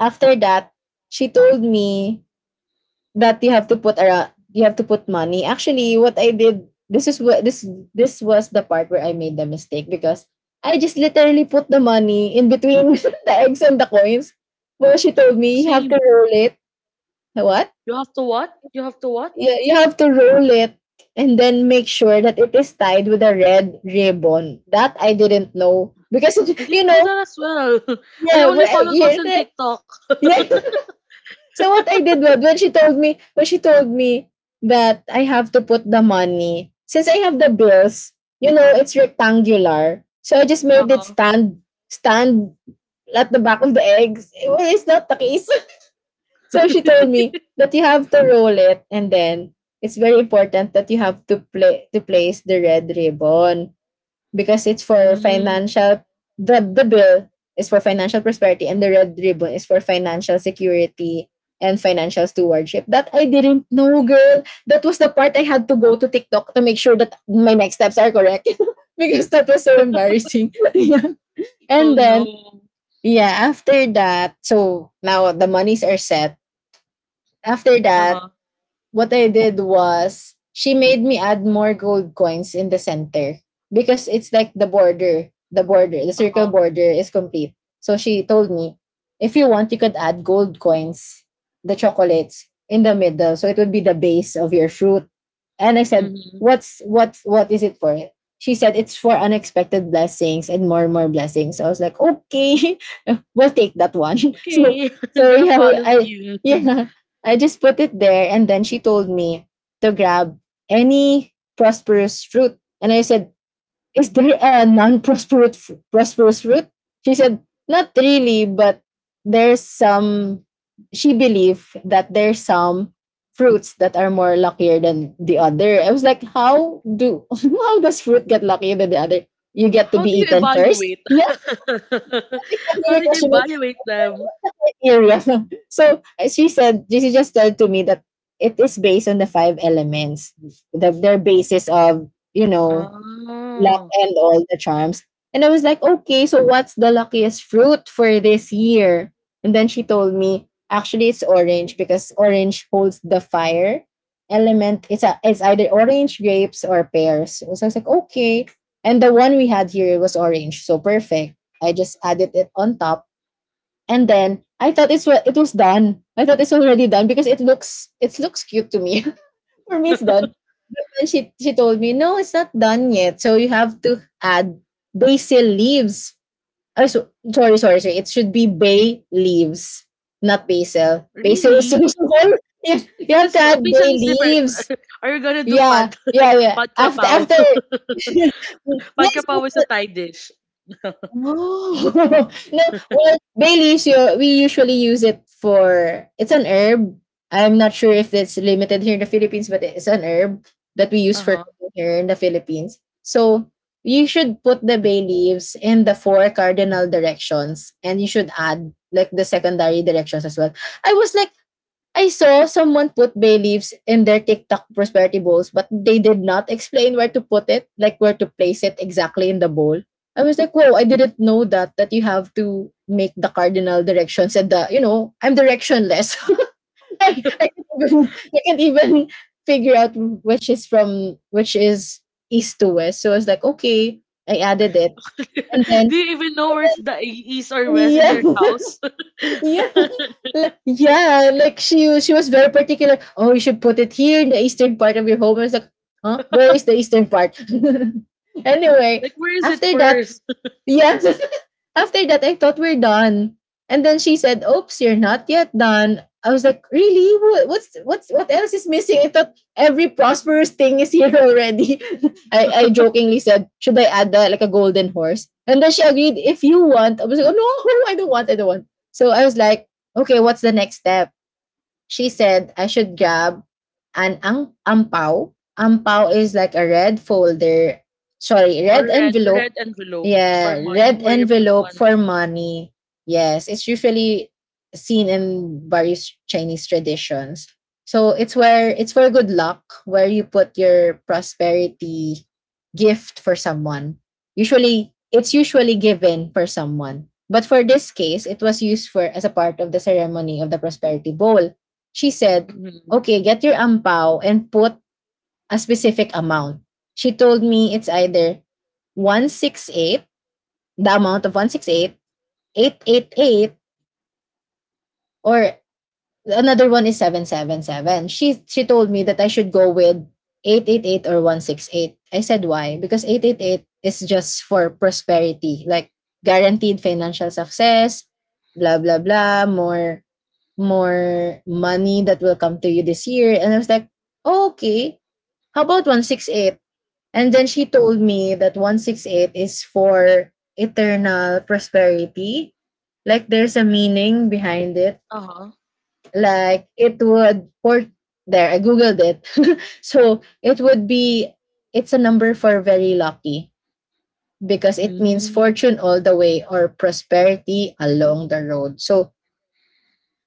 Speaker 2: After that, she told me that you have to put around you have to put money. Actually, what I did, this is what this this was the part where I made the mistake, because I just literally put the money in between the eggs and the coins. Well, she told me you have
Speaker 1: Same.
Speaker 2: to roll it. What?
Speaker 1: You have to what? You have to what?
Speaker 2: Yeah, you have to roll it and then make sure that it is tied with a red ribbon. That I didn't know, because it,
Speaker 1: I
Speaker 2: you
Speaker 1: didn't know
Speaker 2: know,
Speaker 1: that as well. I
Speaker 2: yeah, w-
Speaker 1: only
Speaker 2: eh,
Speaker 1: followed
Speaker 2: yeah,
Speaker 1: what's on
Speaker 2: the-
Speaker 1: TikTok.
Speaker 2: yeah. So what I did was, when she told me when she told me that I have to put the money, since I have the bills, you know, it's rectangular, so I just
Speaker 1: Uh
Speaker 2: made it
Speaker 1: huh.
Speaker 2: stand stand at the back of the eggs. Well, it's not the case. So she told me that you have to roll it and then it's very important that you have to play to place the red ribbon because it's for
Speaker 1: Mm.
Speaker 2: financial, the, the bill is for financial prosperity and the red ribbon is for financial security and financial stewardship. That I didn't know, girl. That was the part I had to go to TikTok to make sure that my next steps are correct, because that was so embarrassing. Yeah.
Speaker 1: Oh
Speaker 2: And then,
Speaker 1: no.
Speaker 2: yeah, after that, so now the monies are set. After that,
Speaker 1: Uh-huh.
Speaker 2: what I did was she made me add more gold coins in the center because it's like the border, the border, the circle
Speaker 1: Uh-huh.
Speaker 2: border is complete. So she told me, if you want, you could add gold coins, the chocolates, in the middle, so it would be the base of your fruit. And I said,
Speaker 1: Mm-hmm.
Speaker 2: what's what what is it for? She said it's for unexpected blessings and more and more blessings. So I was like, okay, we'll take that one. So
Speaker 1: Okay, I'm
Speaker 2: so
Speaker 1: gonna
Speaker 2: yeah, we,
Speaker 1: follow
Speaker 2: I
Speaker 1: you.
Speaker 2: yeah, I just put it there, and then she told me to grab any prosperous fruit. And I said, is there a non prosperous prosperous fruit? She said, not really, but there's some, she believed that there's some fruits that are more luckier than the other. I was like, How do, how does fruit get luckier than the other? You get to
Speaker 1: How
Speaker 2: be
Speaker 1: do you
Speaker 2: eaten first.
Speaker 1: evaluate?
Speaker 2: Yeah, that's exactly
Speaker 1: How
Speaker 2: my
Speaker 1: did you
Speaker 2: question. Like,
Speaker 1: evaluate them?
Speaker 2: area. So uh, she said, she just said to me that it is based on the five elements, the, their basis of, you know, luck
Speaker 1: Oh,
Speaker 2: and all the charms. And I was like, okay, so what's the luckiest fruit for this year? And then she told me, actually, it's orange because orange holds the fire element. It's, a, it's either orange, grapes, or pears. So I was like, okay. And the one we had here was orange. So perfect. I just added it on top, and then I thought it's wa- it was done. I thought it's already done because it looks it looks cute to me. For me, it's done. And she she told me no, it's not done yet. So you have to add basil leaves. Oh, so, sorry, sorry, sorry, it should be bay leaves, not basil. Basil is so
Speaker 1: really?
Speaker 2: small. Yeah, you have to
Speaker 1: Because
Speaker 2: add bay
Speaker 1: Bisan is different.
Speaker 2: leaves.
Speaker 1: Are you gonna do pad
Speaker 2: Yeah, yeah, yeah.
Speaker 1: pad
Speaker 2: After
Speaker 1: krapaw?
Speaker 2: after
Speaker 1: Pad
Speaker 2: yes,
Speaker 1: krapaw is a Thai dish.
Speaker 2: oh no! Well, bay leaves. You, we usually use it for, it's an herb. I'm not sure if it's limited here in the Philippines, but it's an herb that we use for
Speaker 1: Uh-huh.
Speaker 2: cooking here in the Philippines. So you should put the bay leaves in the four cardinal directions, and you should add like the secondary directions as well. I was like, I saw someone put bay leaves in their TikTok prosperity bowls, but they did not explain where to put it, like where to place it exactly in the bowl. I was like, whoa, I didn't know that, that you have to make the cardinal directions and the, you know, I'm directionless. I, I, can't even, I can't even figure out which is from, which is east to west. So I was like, okay, I added it. And then,
Speaker 1: Do you even know where's the east or west in
Speaker 2: yeah,
Speaker 1: your house?
Speaker 2: yeah. Like, yeah, like she was- she was very particular. Oh, you should put it here in the eastern part of your home. I was like, huh? Where is the eastern part? Anyway,
Speaker 1: Like, where is it
Speaker 2: after that,
Speaker 1: first?
Speaker 2: yeah, after that, I thought we're done. And then she said, "Oops, you're not yet done." I was like, "Really? Wha- What's what's what else is missing?" I thought every prosperous thing is here already. I, I jokingly said, "Should I add the, like a golden horse?" And then she agreed, "If you want." I was like, "Oh no, I don't want. I don't want." So I was like, "Okay, what's the next step?" She said I should grab an ang ampao. Ampao is like a red folder, sorry,
Speaker 1: Or
Speaker 2: red
Speaker 1: red
Speaker 2: envelope.
Speaker 1: red envelope for
Speaker 2: Yeah, red
Speaker 1: money, where you put
Speaker 2: envelope for
Speaker 1: money.
Speaker 2: money. Yes, it's usually seen in various Chinese traditions. So it's where it's for good luck, where you put your prosperity gift for someone. Usually, it's usually given for someone. But for this case, it was used for as a part of the ceremony of the prosperity bowl. She said,
Speaker 1: Mhm.
Speaker 2: okay, get your ampao and put a specific amount. She told me it's either one eight, the amount of one six eight, eight, or another one is seven seven seven. She she told me that I should go with eight eight or one eight. I said why? Because eight eight is just for prosperity, like guaranteed financial success, blah blah blah, more more money that will come to you this year. And I was like, oh, okay, how about one six eight? And then she told me that one six eight is for eternal prosperity. Like there's a meaning behind it.
Speaker 1: Uh-huh.
Speaker 2: Like it would for there, I googled it. So it would be it's a number for very lucky because it means
Speaker 1: Mm.
Speaker 2: fortune all the way or prosperity along the road. So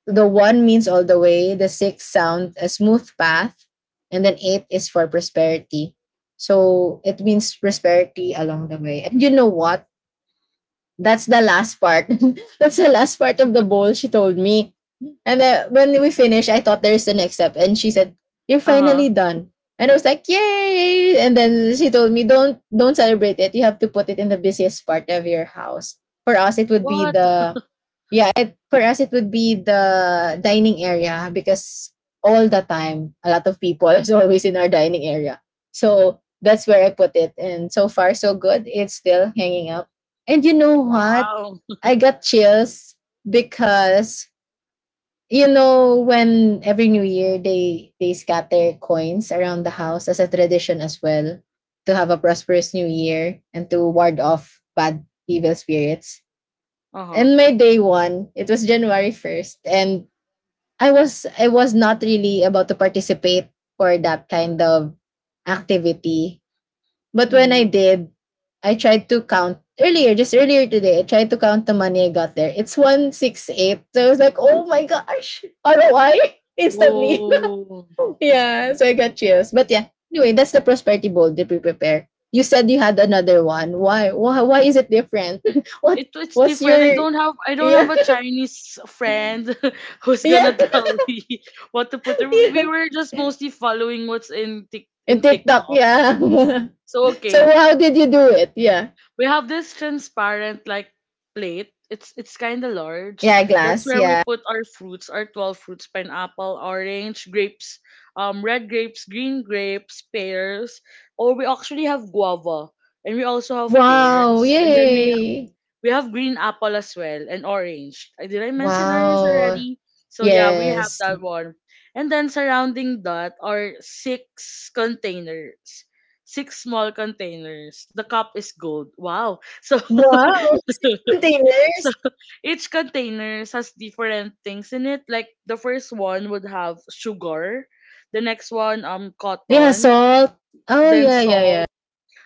Speaker 2: the one means all the way, the six sound a smooth path, and then eight is for prosperity. So it means prosperity along the way. And you know what? That's the last part. That's the last part of the bowl, she told me. And then when we finished, I thought there's the next step. And she said, you're
Speaker 1: Uh-huh.
Speaker 2: finally done. And I was like, yay! And then she told me, Don't don't celebrate it. You have to put it in the busiest part of your house. For us, it would be
Speaker 1: What?
Speaker 2: the yeah, it, for us, it would be the dining area because all the time a lot of people is always in our dining area. So that's where I put it. And so far so good. It's still hanging up, and you know what?
Speaker 1: Wow.
Speaker 2: I got chills because you know when every new year they they scatter coins around the house as a tradition as well to have a prosperous new year and to ward off bad evil spirits.
Speaker 1: Uh-huh.
Speaker 2: And my day one, it was January first, and I was I was not really about to participate for that kind of activity. But when I
Speaker 1: Mm-hmm.
Speaker 2: did, I tried to count earlier, just earlier today, I tried to count the money I got there. It's one sixty-eight. So I was like, oh my gosh, R O I instantly.
Speaker 1: Oh.
Speaker 2: Yeah, so I got chills. But yeah, anyway, that's the prosperity bowl that we prepare. You said you had another one. Why? Why, why is it different? What?
Speaker 1: It, it's
Speaker 2: What's
Speaker 1: different. I
Speaker 2: your.
Speaker 1: don't have I don't
Speaker 2: Yeah,
Speaker 1: have a Chinese friend who's gonna
Speaker 2: yeah,
Speaker 1: tell me what to put. We
Speaker 2: yeah.
Speaker 1: were just mostly following what's in Tik
Speaker 2: In
Speaker 1: in
Speaker 2: TikTok,
Speaker 1: TikTok.
Speaker 2: yeah.
Speaker 1: So
Speaker 2: So
Speaker 1: okay,
Speaker 2: how did you do it? Yeah.
Speaker 1: we have this transparent, like, plate. It's it's kind of large.
Speaker 2: Yeah,
Speaker 1: That's
Speaker 2: glass,
Speaker 1: where we
Speaker 2: yeah.
Speaker 1: put our fruits, our twelve fruits: pineapple, orange, grapes, um red grapes, green grapes, pears, or we actually have guava, and we also have
Speaker 2: Wow,
Speaker 1: pears. And then we
Speaker 2: yay.
Speaker 1: we have green apple as well, and orange. Uh, Did I mention orange
Speaker 2: Wow,
Speaker 1: already? So yeah, we have
Speaker 2: yes.
Speaker 1: that one. And then surrounding that are six containers. Six small containers. The cup is gold. Wow. So
Speaker 2: Wow, six
Speaker 1: so
Speaker 2: containers?
Speaker 1: each container has different things in it. Like the first one would have sugar, the next one um
Speaker 2: Yeah,
Speaker 1: cotton,
Speaker 2: salt. Oh,
Speaker 1: then
Speaker 2: yeah, yeah, yeah.
Speaker 1: salt.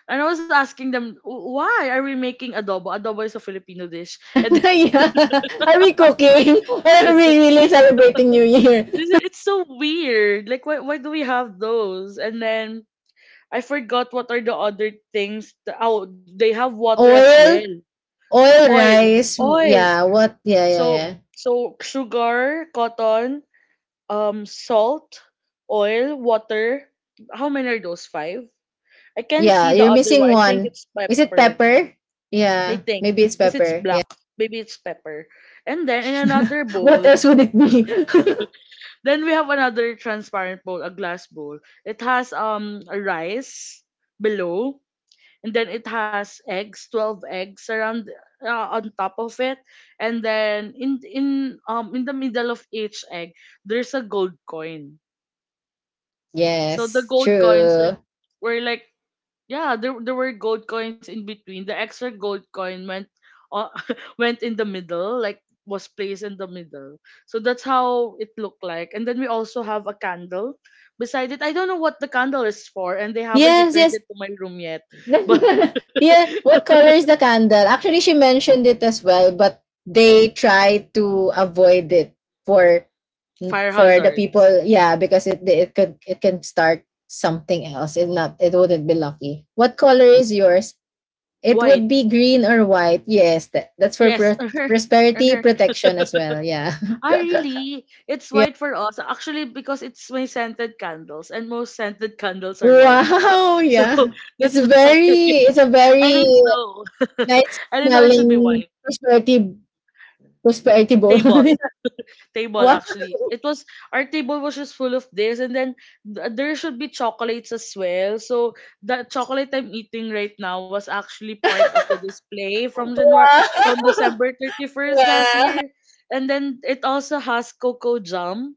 Speaker 1: And I was asking them, "Wh- why are we making adobo? Adobo is a Filipino dish." And
Speaker 2: Yeah. Are we cooking? Are we really celebrating New Year?
Speaker 1: This is, it's so weird. Like, why, why do we have those? And then I forgot what are the other things. Th- oh, they have water as well.
Speaker 2: Oil, oil,
Speaker 1: Oil,
Speaker 2: rice.
Speaker 1: oil.
Speaker 2: Yeah, what? Yeah, yeah,
Speaker 1: So
Speaker 2: yeah.
Speaker 1: so sugar, cotton, um, salt, oil, water. How many are those? Five. I can't
Speaker 2: Yeah,
Speaker 1: see the
Speaker 2: you're
Speaker 1: other one.
Speaker 2: missing
Speaker 1: I think
Speaker 2: one.
Speaker 1: it's
Speaker 2: Is it
Speaker 1: pepper.
Speaker 2: pepper?
Speaker 1: I
Speaker 2: Yeah,
Speaker 1: think,
Speaker 2: maybe it's
Speaker 1: because it's
Speaker 2: pepper. Yeah.
Speaker 1: black. Maybe it's pepper. And then in another
Speaker 2: What
Speaker 1: bowl,
Speaker 2: else would it be?
Speaker 1: Then we have another transparent bowl, a glass bowl. It has um a rice below, and then it has eggs, twelve eggs around, uh, on top of it, and then in in um in the middle of each egg, there's a gold coin. So the
Speaker 2: Yes,
Speaker 1: gold coins are
Speaker 2: true.
Speaker 1: were like Yeah, there there were gold coins in between. The extra gold coin went uh, went in the middle, like, was placed in the middle. So that's how it looked like. And then we also have a candle beside it. I don't know what the candle is for, and they haven't
Speaker 2: Yes,
Speaker 1: returned
Speaker 2: yes,
Speaker 1: it to my room yet. But
Speaker 2: yeah, what color is the candle? Actually, she mentioned it as well, but they try to avoid it for
Speaker 1: fire
Speaker 2: for the
Speaker 1: hazards.
Speaker 2: people. Yeah, because it it could it can start something else. It not it wouldn't be lucky. What color is yours? It
Speaker 1: White.
Speaker 2: would be green or white. Yes, that, that's for
Speaker 1: Yes.
Speaker 2: pro-
Speaker 1: Uh-huh.
Speaker 2: prosperity
Speaker 1: Uh-huh.
Speaker 2: protection as well. Yeah,
Speaker 1: Ah, really? It's white
Speaker 2: yeah.
Speaker 1: for us. Actually, because it's my scented candles, and most scented candles are white.
Speaker 2: Wow.
Speaker 1: So
Speaker 2: Yeah, it's
Speaker 1: that's why
Speaker 2: very it's a
Speaker 1: I
Speaker 2: very
Speaker 1: didn't know.
Speaker 2: nice
Speaker 1: I didn't know it should be
Speaker 2: smelling
Speaker 1: white.
Speaker 2: prosperity Prosperity bowl.
Speaker 1: Table. Table
Speaker 2: Wow!
Speaker 1: actually. It was Our table was just full of this. And then th- there should be chocolates as well. So the chocolate I'm eating right now was actually part of the display from January, from December thirty-first last
Speaker 2: Wow.
Speaker 1: year. And then it also has cocoa jam.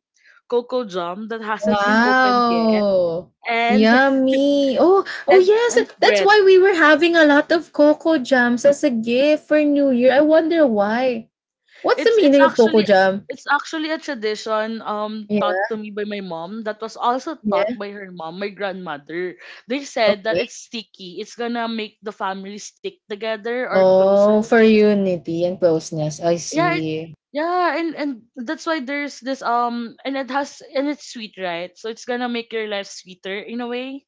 Speaker 1: Cocoa jam that hasn't been opened yet.
Speaker 2: Wow!
Speaker 1: And
Speaker 2: Yummy! Oh, oh
Speaker 1: and
Speaker 2: yes.
Speaker 1: and
Speaker 2: That's
Speaker 1: bread.
Speaker 2: why we were having a lot of cocoa jams as a gift for New Year. I wonder why. What's the
Speaker 1: It's it's
Speaker 2: meaning of cocoa
Speaker 1: actually
Speaker 2: jam?
Speaker 1: it's actually a tradition, um
Speaker 2: Yeah,
Speaker 1: taught to me by my mom, that was also
Speaker 2: yeah.
Speaker 1: taught by her mom, my grandmother. They said that
Speaker 2: Okay.
Speaker 1: it's sticky. It's gonna make the family stick together or closer.
Speaker 2: Oh, for unity and closeness. I
Speaker 1: Yeah, it,
Speaker 2: see.
Speaker 1: yeah, and and that's why there's this, um and it has and it's sweet, right? So it's gonna make your life sweeter in a way.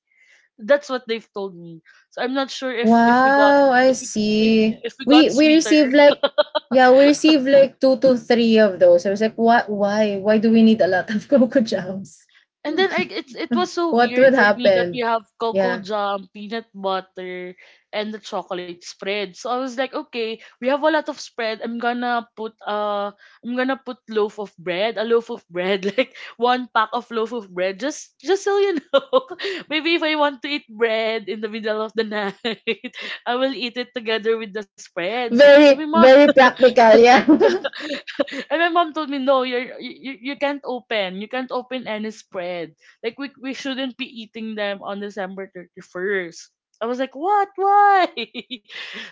Speaker 1: That's what they've told me. So I'm not sure if if we got
Speaker 2: Wow,
Speaker 1: if
Speaker 2: I
Speaker 1: we if if
Speaker 2: see.
Speaker 1: we got
Speaker 2: We we
Speaker 1: sweeter.
Speaker 2: received like yeah, we received like two to three of those. I was like, what why? Why do we need a lot of cocoa jams?
Speaker 1: And then I, it's it was so
Speaker 2: What would
Speaker 1: weird for me that we
Speaker 2: happen?
Speaker 1: have cocoa
Speaker 2: Yeah.
Speaker 1: jam, peanut butter, and the chocolate spread. So I was like, okay, we have a lot of spread. I'm gonna put uh I'm gonna put loaf of bread, a loaf of bread, like one pack of loaf of bread, just just so you know. Maybe if I want to eat bread in the middle of the night, I will eat it together with the spreads. And my
Speaker 2: Very,
Speaker 1: mom
Speaker 2: very practical, yeah.
Speaker 1: and my mom told me, no, you're, you you you can't open. You can't open any spread. Like we we shouldn't be eating them on December thirty-first. I was like, what? Why?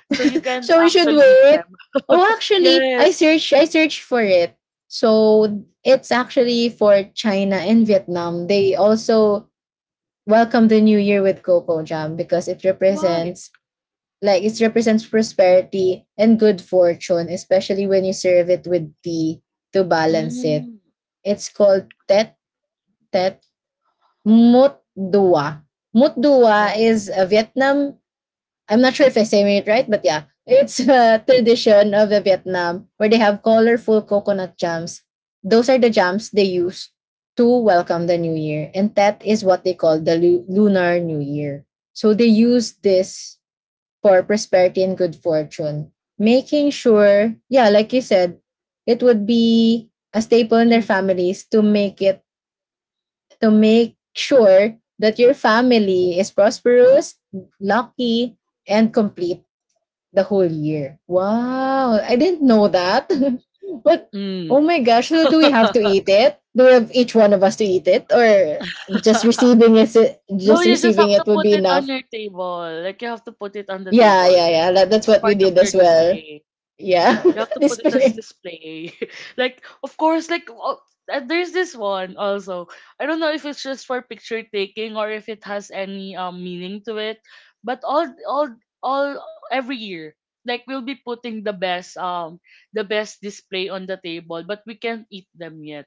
Speaker 1: So you can't
Speaker 2: So we should
Speaker 1: actually eat them.
Speaker 2: wait. Oh, actually, I
Speaker 1: Yes.
Speaker 2: searched I searched for it. So it's actually for China and Vietnam. They also welcome the new year with cocoa jam because it
Speaker 1: Why?
Speaker 2: represents like it represents prosperity and good fortune, especially when you serve it with tea to balance it.
Speaker 1: Mm.
Speaker 2: It's called Tet Tet Mut Dua. Mut Dua
Speaker 1: Well,
Speaker 2: is a Vietnam. I'm not sure if I say it right, but yeah, it's a tradition of the Vietnam where they have colorful coconut jams. Those are the jams they use to welcome the new year, and that is what they call the lu- lunar new year. So they use this for prosperity and good fortune. Making sure, yeah, like you said, it would be a staple in their
Speaker 1: mm,
Speaker 2: families to make it to make sure that your family is prosperous, lucky, and complete the whole year. Wow, I didn't know that. But
Speaker 1: mm.
Speaker 2: oh my gosh, so do we have to eat it? Do we have each one of us to eat it, or just receiving it?
Speaker 1: No,
Speaker 2: Just
Speaker 1: you just
Speaker 2: receiving
Speaker 1: have to
Speaker 2: it would
Speaker 1: put
Speaker 2: be
Speaker 1: it on
Speaker 2: enough.
Speaker 1: your table. Like, you have to put it on the
Speaker 2: Yeah,
Speaker 1: table.
Speaker 2: yeah,
Speaker 1: I
Speaker 2: yeah.
Speaker 1: think
Speaker 2: That,
Speaker 1: it's
Speaker 2: that's what
Speaker 1: part
Speaker 2: we
Speaker 1: of
Speaker 2: did
Speaker 1: your
Speaker 2: as well.
Speaker 1: display.
Speaker 2: Yeah,
Speaker 1: You have to put it as
Speaker 2: display.
Speaker 1: display. Like, of course, like oh, uh, there's this one also. I don't know if it's just for picture taking or if it has any um meaning to it. But all all all every year, like, we'll be putting the best, um the best display on the table, but we can't eat them yet.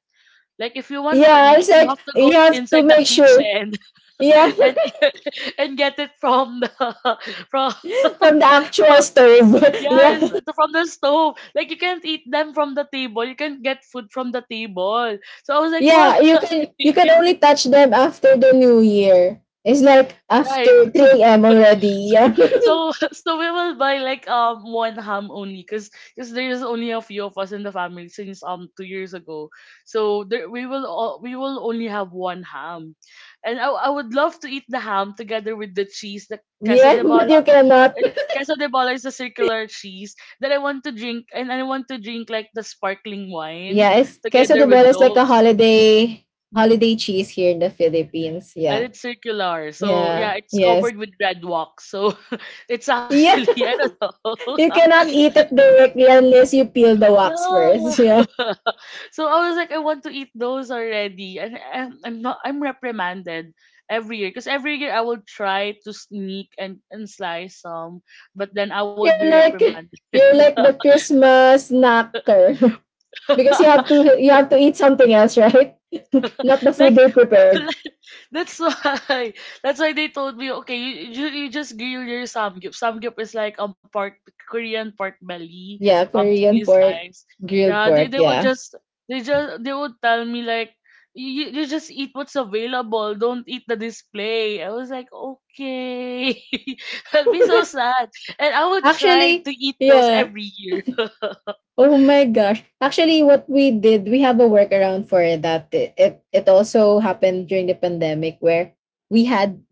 Speaker 1: Like, if you want to
Speaker 2: Yeah,
Speaker 1: eat,
Speaker 2: it's
Speaker 1: you
Speaker 2: like
Speaker 1: have to go
Speaker 2: you have to
Speaker 1: inside the
Speaker 2: make sure.
Speaker 1: kitchen
Speaker 2: Yeah,
Speaker 1: and and get it from the from
Speaker 2: from the
Speaker 1: from.
Speaker 2: actual stove.
Speaker 1: Yes,
Speaker 2: Yeah,
Speaker 1: it's from the stove. Like, you can't eat them from the table. You can't get food from the table. So I was like, why?
Speaker 2: yeah. You can you can only touch them after the new year. It's like
Speaker 1: Right.
Speaker 2: after
Speaker 1: That's
Speaker 2: three a m already. Yeah,
Speaker 1: so so we will buy like um one ham only, because because there is only a few of us in the family since um two years ago, so there we will all, we will only have one ham, and I, I would love to eat the ham together with the cheese, the casa
Speaker 2: yeah,
Speaker 1: de
Speaker 2: but
Speaker 1: bola,
Speaker 2: you cannot.
Speaker 1: it- Casa de Bola is a circular cheese, that I want to drink, and I want to drink like the sparkling wine
Speaker 2: Yeah, it's queso
Speaker 1: together
Speaker 2: de
Speaker 1: with
Speaker 2: bola is like a
Speaker 1: those.
Speaker 2: holiday holiday cheese here in the Philippines.
Speaker 1: And
Speaker 2: Yeah,
Speaker 1: it's circular, so yeah,
Speaker 2: yeah,
Speaker 1: it's
Speaker 2: yes.
Speaker 1: covered with red wax. So it's
Speaker 2: Yeah,
Speaker 1: actually I don't know.
Speaker 2: you cannot eat it directly unless you peel the wax
Speaker 1: Yeah.
Speaker 2: first. Yeah.
Speaker 1: So I was like, I want to eat those already, and I'm, I'm not. I'm reprimanded every year because every year I will try to sneak and and slice some, but then I would be
Speaker 2: You're like
Speaker 1: reprimanded.
Speaker 2: you're like the Christmas snacker because you have to you have to eat something else, right? Not the food
Speaker 1: like
Speaker 2: they prepared.
Speaker 1: that's why that's why they told me, okay, you you, you just grill your samgyup. Samgyup is like um part Korean part belly
Speaker 2: Yeah,
Speaker 1: um thingy
Speaker 2: Korean pork,
Speaker 1: slice.
Speaker 2: grilled
Speaker 1: Yeah, they,
Speaker 2: pork.
Speaker 1: they would
Speaker 2: Yeah.
Speaker 1: just they just they would tell me like, you, you just eat what's available, don't eat the display. I was like, okay. I'd be so sad, and I would try to
Speaker 2: Actually,
Speaker 1: eat those
Speaker 2: yeah.
Speaker 1: every year.
Speaker 2: Oh my gosh. Actually, what we did, we have a workaround for that. It, it it also happened during the pandemic where we had,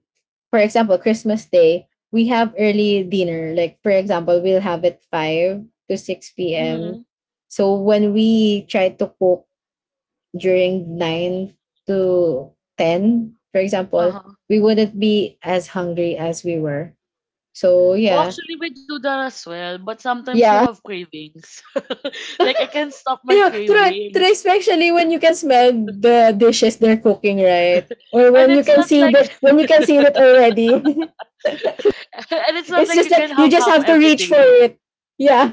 Speaker 2: for example, Christmas Day, we have early dinner. Like, for example, we'll have it five to six p m.
Speaker 1: Mm-hmm.
Speaker 2: So when we try to cook during nine to ten, for example, we wouldn't be as hungry as we were. So
Speaker 1: Oh,
Speaker 2: yeah.
Speaker 1: actually, we do that as well, but sometimes you
Speaker 2: Yeah.
Speaker 1: have cravings. Like, I can't stop my
Speaker 2: You know, try, try,
Speaker 1: cravings,
Speaker 2: especially when you can smell the dishes they're cooking, right? Or
Speaker 1: and
Speaker 2: when you
Speaker 1: it's
Speaker 2: can
Speaker 1: not
Speaker 2: see
Speaker 1: like
Speaker 2: the when you can see it already.
Speaker 1: and it's not
Speaker 2: It's
Speaker 1: like
Speaker 2: just
Speaker 1: you
Speaker 2: like
Speaker 1: can
Speaker 2: you
Speaker 1: have
Speaker 2: just
Speaker 1: ham
Speaker 2: have to
Speaker 1: every
Speaker 2: reach for
Speaker 1: day,
Speaker 2: it. Yeah.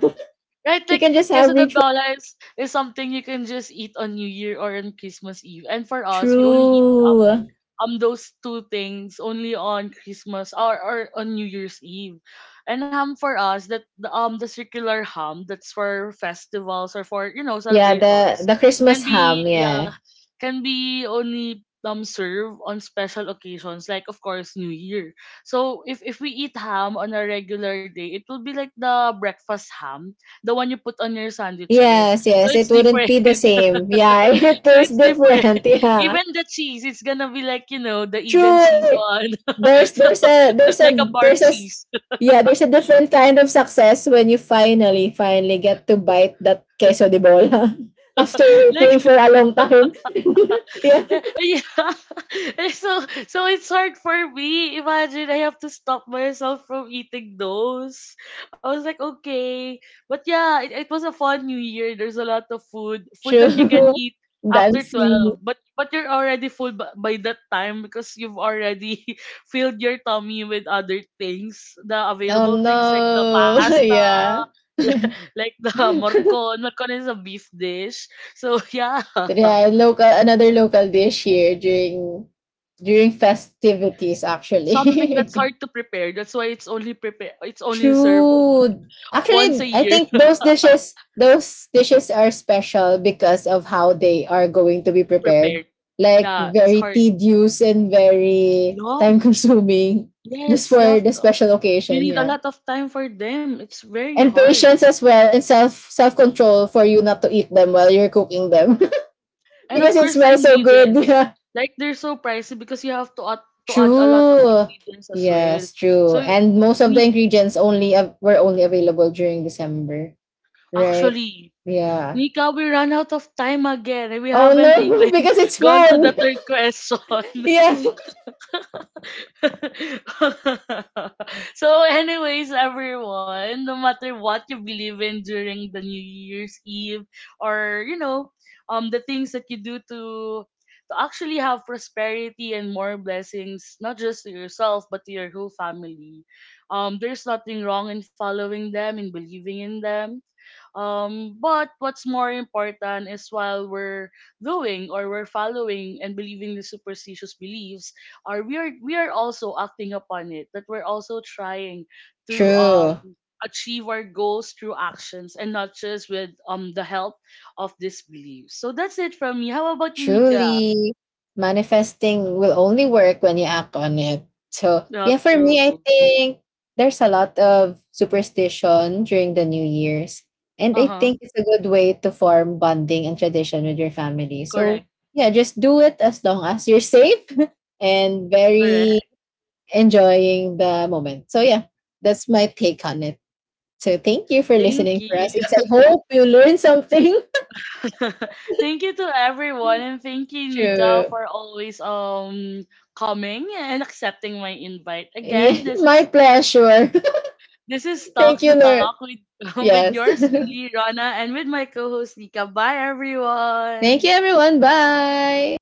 Speaker 1: right?
Speaker 2: You
Speaker 1: Like,
Speaker 2: can just have
Speaker 1: queso de
Speaker 2: rich.
Speaker 1: bola is is something you can just eat on New Year or on Christmas Eve, and for us, we only eat um,
Speaker 2: True.
Speaker 1: um those two things only on Christmas or, or on New Year's Eve. And ham for us, that the um the circular ham, that's for festivals or for, you know,
Speaker 2: Yeah, the
Speaker 1: celebrations,
Speaker 2: the
Speaker 1: can
Speaker 2: Christmas
Speaker 1: be,
Speaker 2: ham.
Speaker 1: yeah,
Speaker 2: Yeah.
Speaker 1: can be only um served on special occasions, like, of course, New Year. So if if we eat ham on a regular day, it will be like the breakfast ham, the one you put on your sandwiches.
Speaker 2: Yes,
Speaker 1: So
Speaker 2: yes.
Speaker 1: it's
Speaker 2: It wouldn't
Speaker 1: different.
Speaker 2: be the same. Yeah, it
Speaker 1: So
Speaker 2: tastes
Speaker 1: it's different.
Speaker 2: different. Yeah.
Speaker 1: Even the cheese, it's gonna be like, you know, the Eden cheese
Speaker 2: True.
Speaker 1: one.
Speaker 2: There's
Speaker 1: So
Speaker 2: there's a there's a
Speaker 1: like a bar
Speaker 2: there's a s-
Speaker 1: cheese.
Speaker 2: yeah there's a different kind of success when you finally finally get to bite that queso de bola after
Speaker 1: like
Speaker 2: waiting for a long time. Yeah.
Speaker 1: Eh, Yeah. Eh, So so it's hard for me. Imagine, I have to stop myself from eating those. I was like, okay. But yeah, it, it was a fun new year. There's a lot of food. Food that you can
Speaker 2: True.
Speaker 1: eat after
Speaker 2: Dancing.
Speaker 1: twelve. But but you're already full by, by that time because you've already filled your tummy with other things. The
Speaker 2: Oh
Speaker 1: available things, like the
Speaker 2: no.
Speaker 1: pasta,
Speaker 2: yeah.
Speaker 1: like the morcon. Morcon is a beef dish. So yeah.
Speaker 2: But yeah, local another local dish here during during festivities,
Speaker 1: Something that's
Speaker 2: actually.
Speaker 1: hard to prepare. That's why it's only prepare it's only served on,
Speaker 2: True.
Speaker 1: once a
Speaker 2: Actually, I
Speaker 1: year,
Speaker 2: think those dishes those dishes are special because of how they are going to be prepared.
Speaker 1: prepared.
Speaker 2: Like,
Speaker 1: Yeah, it's
Speaker 2: very
Speaker 1: hard.
Speaker 2: tedious and very time
Speaker 1: Long.
Speaker 2: consuming just
Speaker 1: Yes, you
Speaker 2: for
Speaker 1: have
Speaker 2: the
Speaker 1: to,
Speaker 2: special
Speaker 1: you
Speaker 2: occasion,
Speaker 1: need a
Speaker 2: yeah.
Speaker 1: lot of time for them. It's very
Speaker 2: And
Speaker 1: hard.
Speaker 2: patience as well, and self self control for you not to eat them while you're cooking them
Speaker 1: And
Speaker 2: because
Speaker 1: of
Speaker 2: it
Speaker 1: course the
Speaker 2: smells so good.
Speaker 1: ingredients. Like, they're so pricey because you have to add to add a lot of
Speaker 2: True.
Speaker 1: ingredients as well.
Speaker 2: Yes, true.
Speaker 1: So
Speaker 2: And most of the
Speaker 1: ni
Speaker 2: ingredients only av- were only available during December, right?
Speaker 1: actually,
Speaker 2: Yeah.
Speaker 1: Nika, we ran out of time again and we
Speaker 2: Oh
Speaker 1: haven't
Speaker 2: no,
Speaker 1: even
Speaker 2: because it's
Speaker 1: gone to the
Speaker 2: food.
Speaker 1: third question.
Speaker 2: Yeah.
Speaker 1: So, anyways, everyone, no matter what you believe in during the New Year's Eve, or, you know, um, the things that you do to to actually have prosperity and more blessings, not just to yourself but to your whole family. Um, there's nothing wrong in following them and believing in them. Um, but what's more important is, while we're doing or we're following and believing the superstitious beliefs, are we are we are also acting upon it? That we're also trying to
Speaker 2: True.
Speaker 1: um achieve our goals through actions and not just with um the help of these beliefs. So that's it from me. How about you, Nika?
Speaker 2: Truly, manifesting will only work when you act on it. So, yeah,
Speaker 1: Not
Speaker 2: for me, I
Speaker 1: true.
Speaker 2: think there's a lot of superstition during the New Year's. And
Speaker 1: Uh
Speaker 2: I
Speaker 1: huh.
Speaker 2: think it's a good way to form bonding and tradition with your family. So,
Speaker 1: Correct.
Speaker 2: yeah, just do it as long as you're safe and very
Speaker 1: Correct.
Speaker 2: enjoying the moment. So, yeah, that's my take on it. So, thank you for
Speaker 1: Thank
Speaker 2: listening for
Speaker 1: you.
Speaker 2: us. Yes, I hope you learned something.
Speaker 1: Thank you to everyone, and thank you, Nika,
Speaker 2: True.
Speaker 1: for always um coming and accepting my invite.
Speaker 2: Yeah,
Speaker 1: Again, this
Speaker 2: my
Speaker 1: is
Speaker 2: pleasure.
Speaker 1: this is Talk
Speaker 2: Thank you,
Speaker 1: the Talk
Speaker 2: Lord.
Speaker 1: with with
Speaker 2: Yes.
Speaker 1: yours truly, Rana, and with my co-host Nika. Bye,
Speaker 2: Thank
Speaker 1: everyone.
Speaker 2: you, everyone. Bye.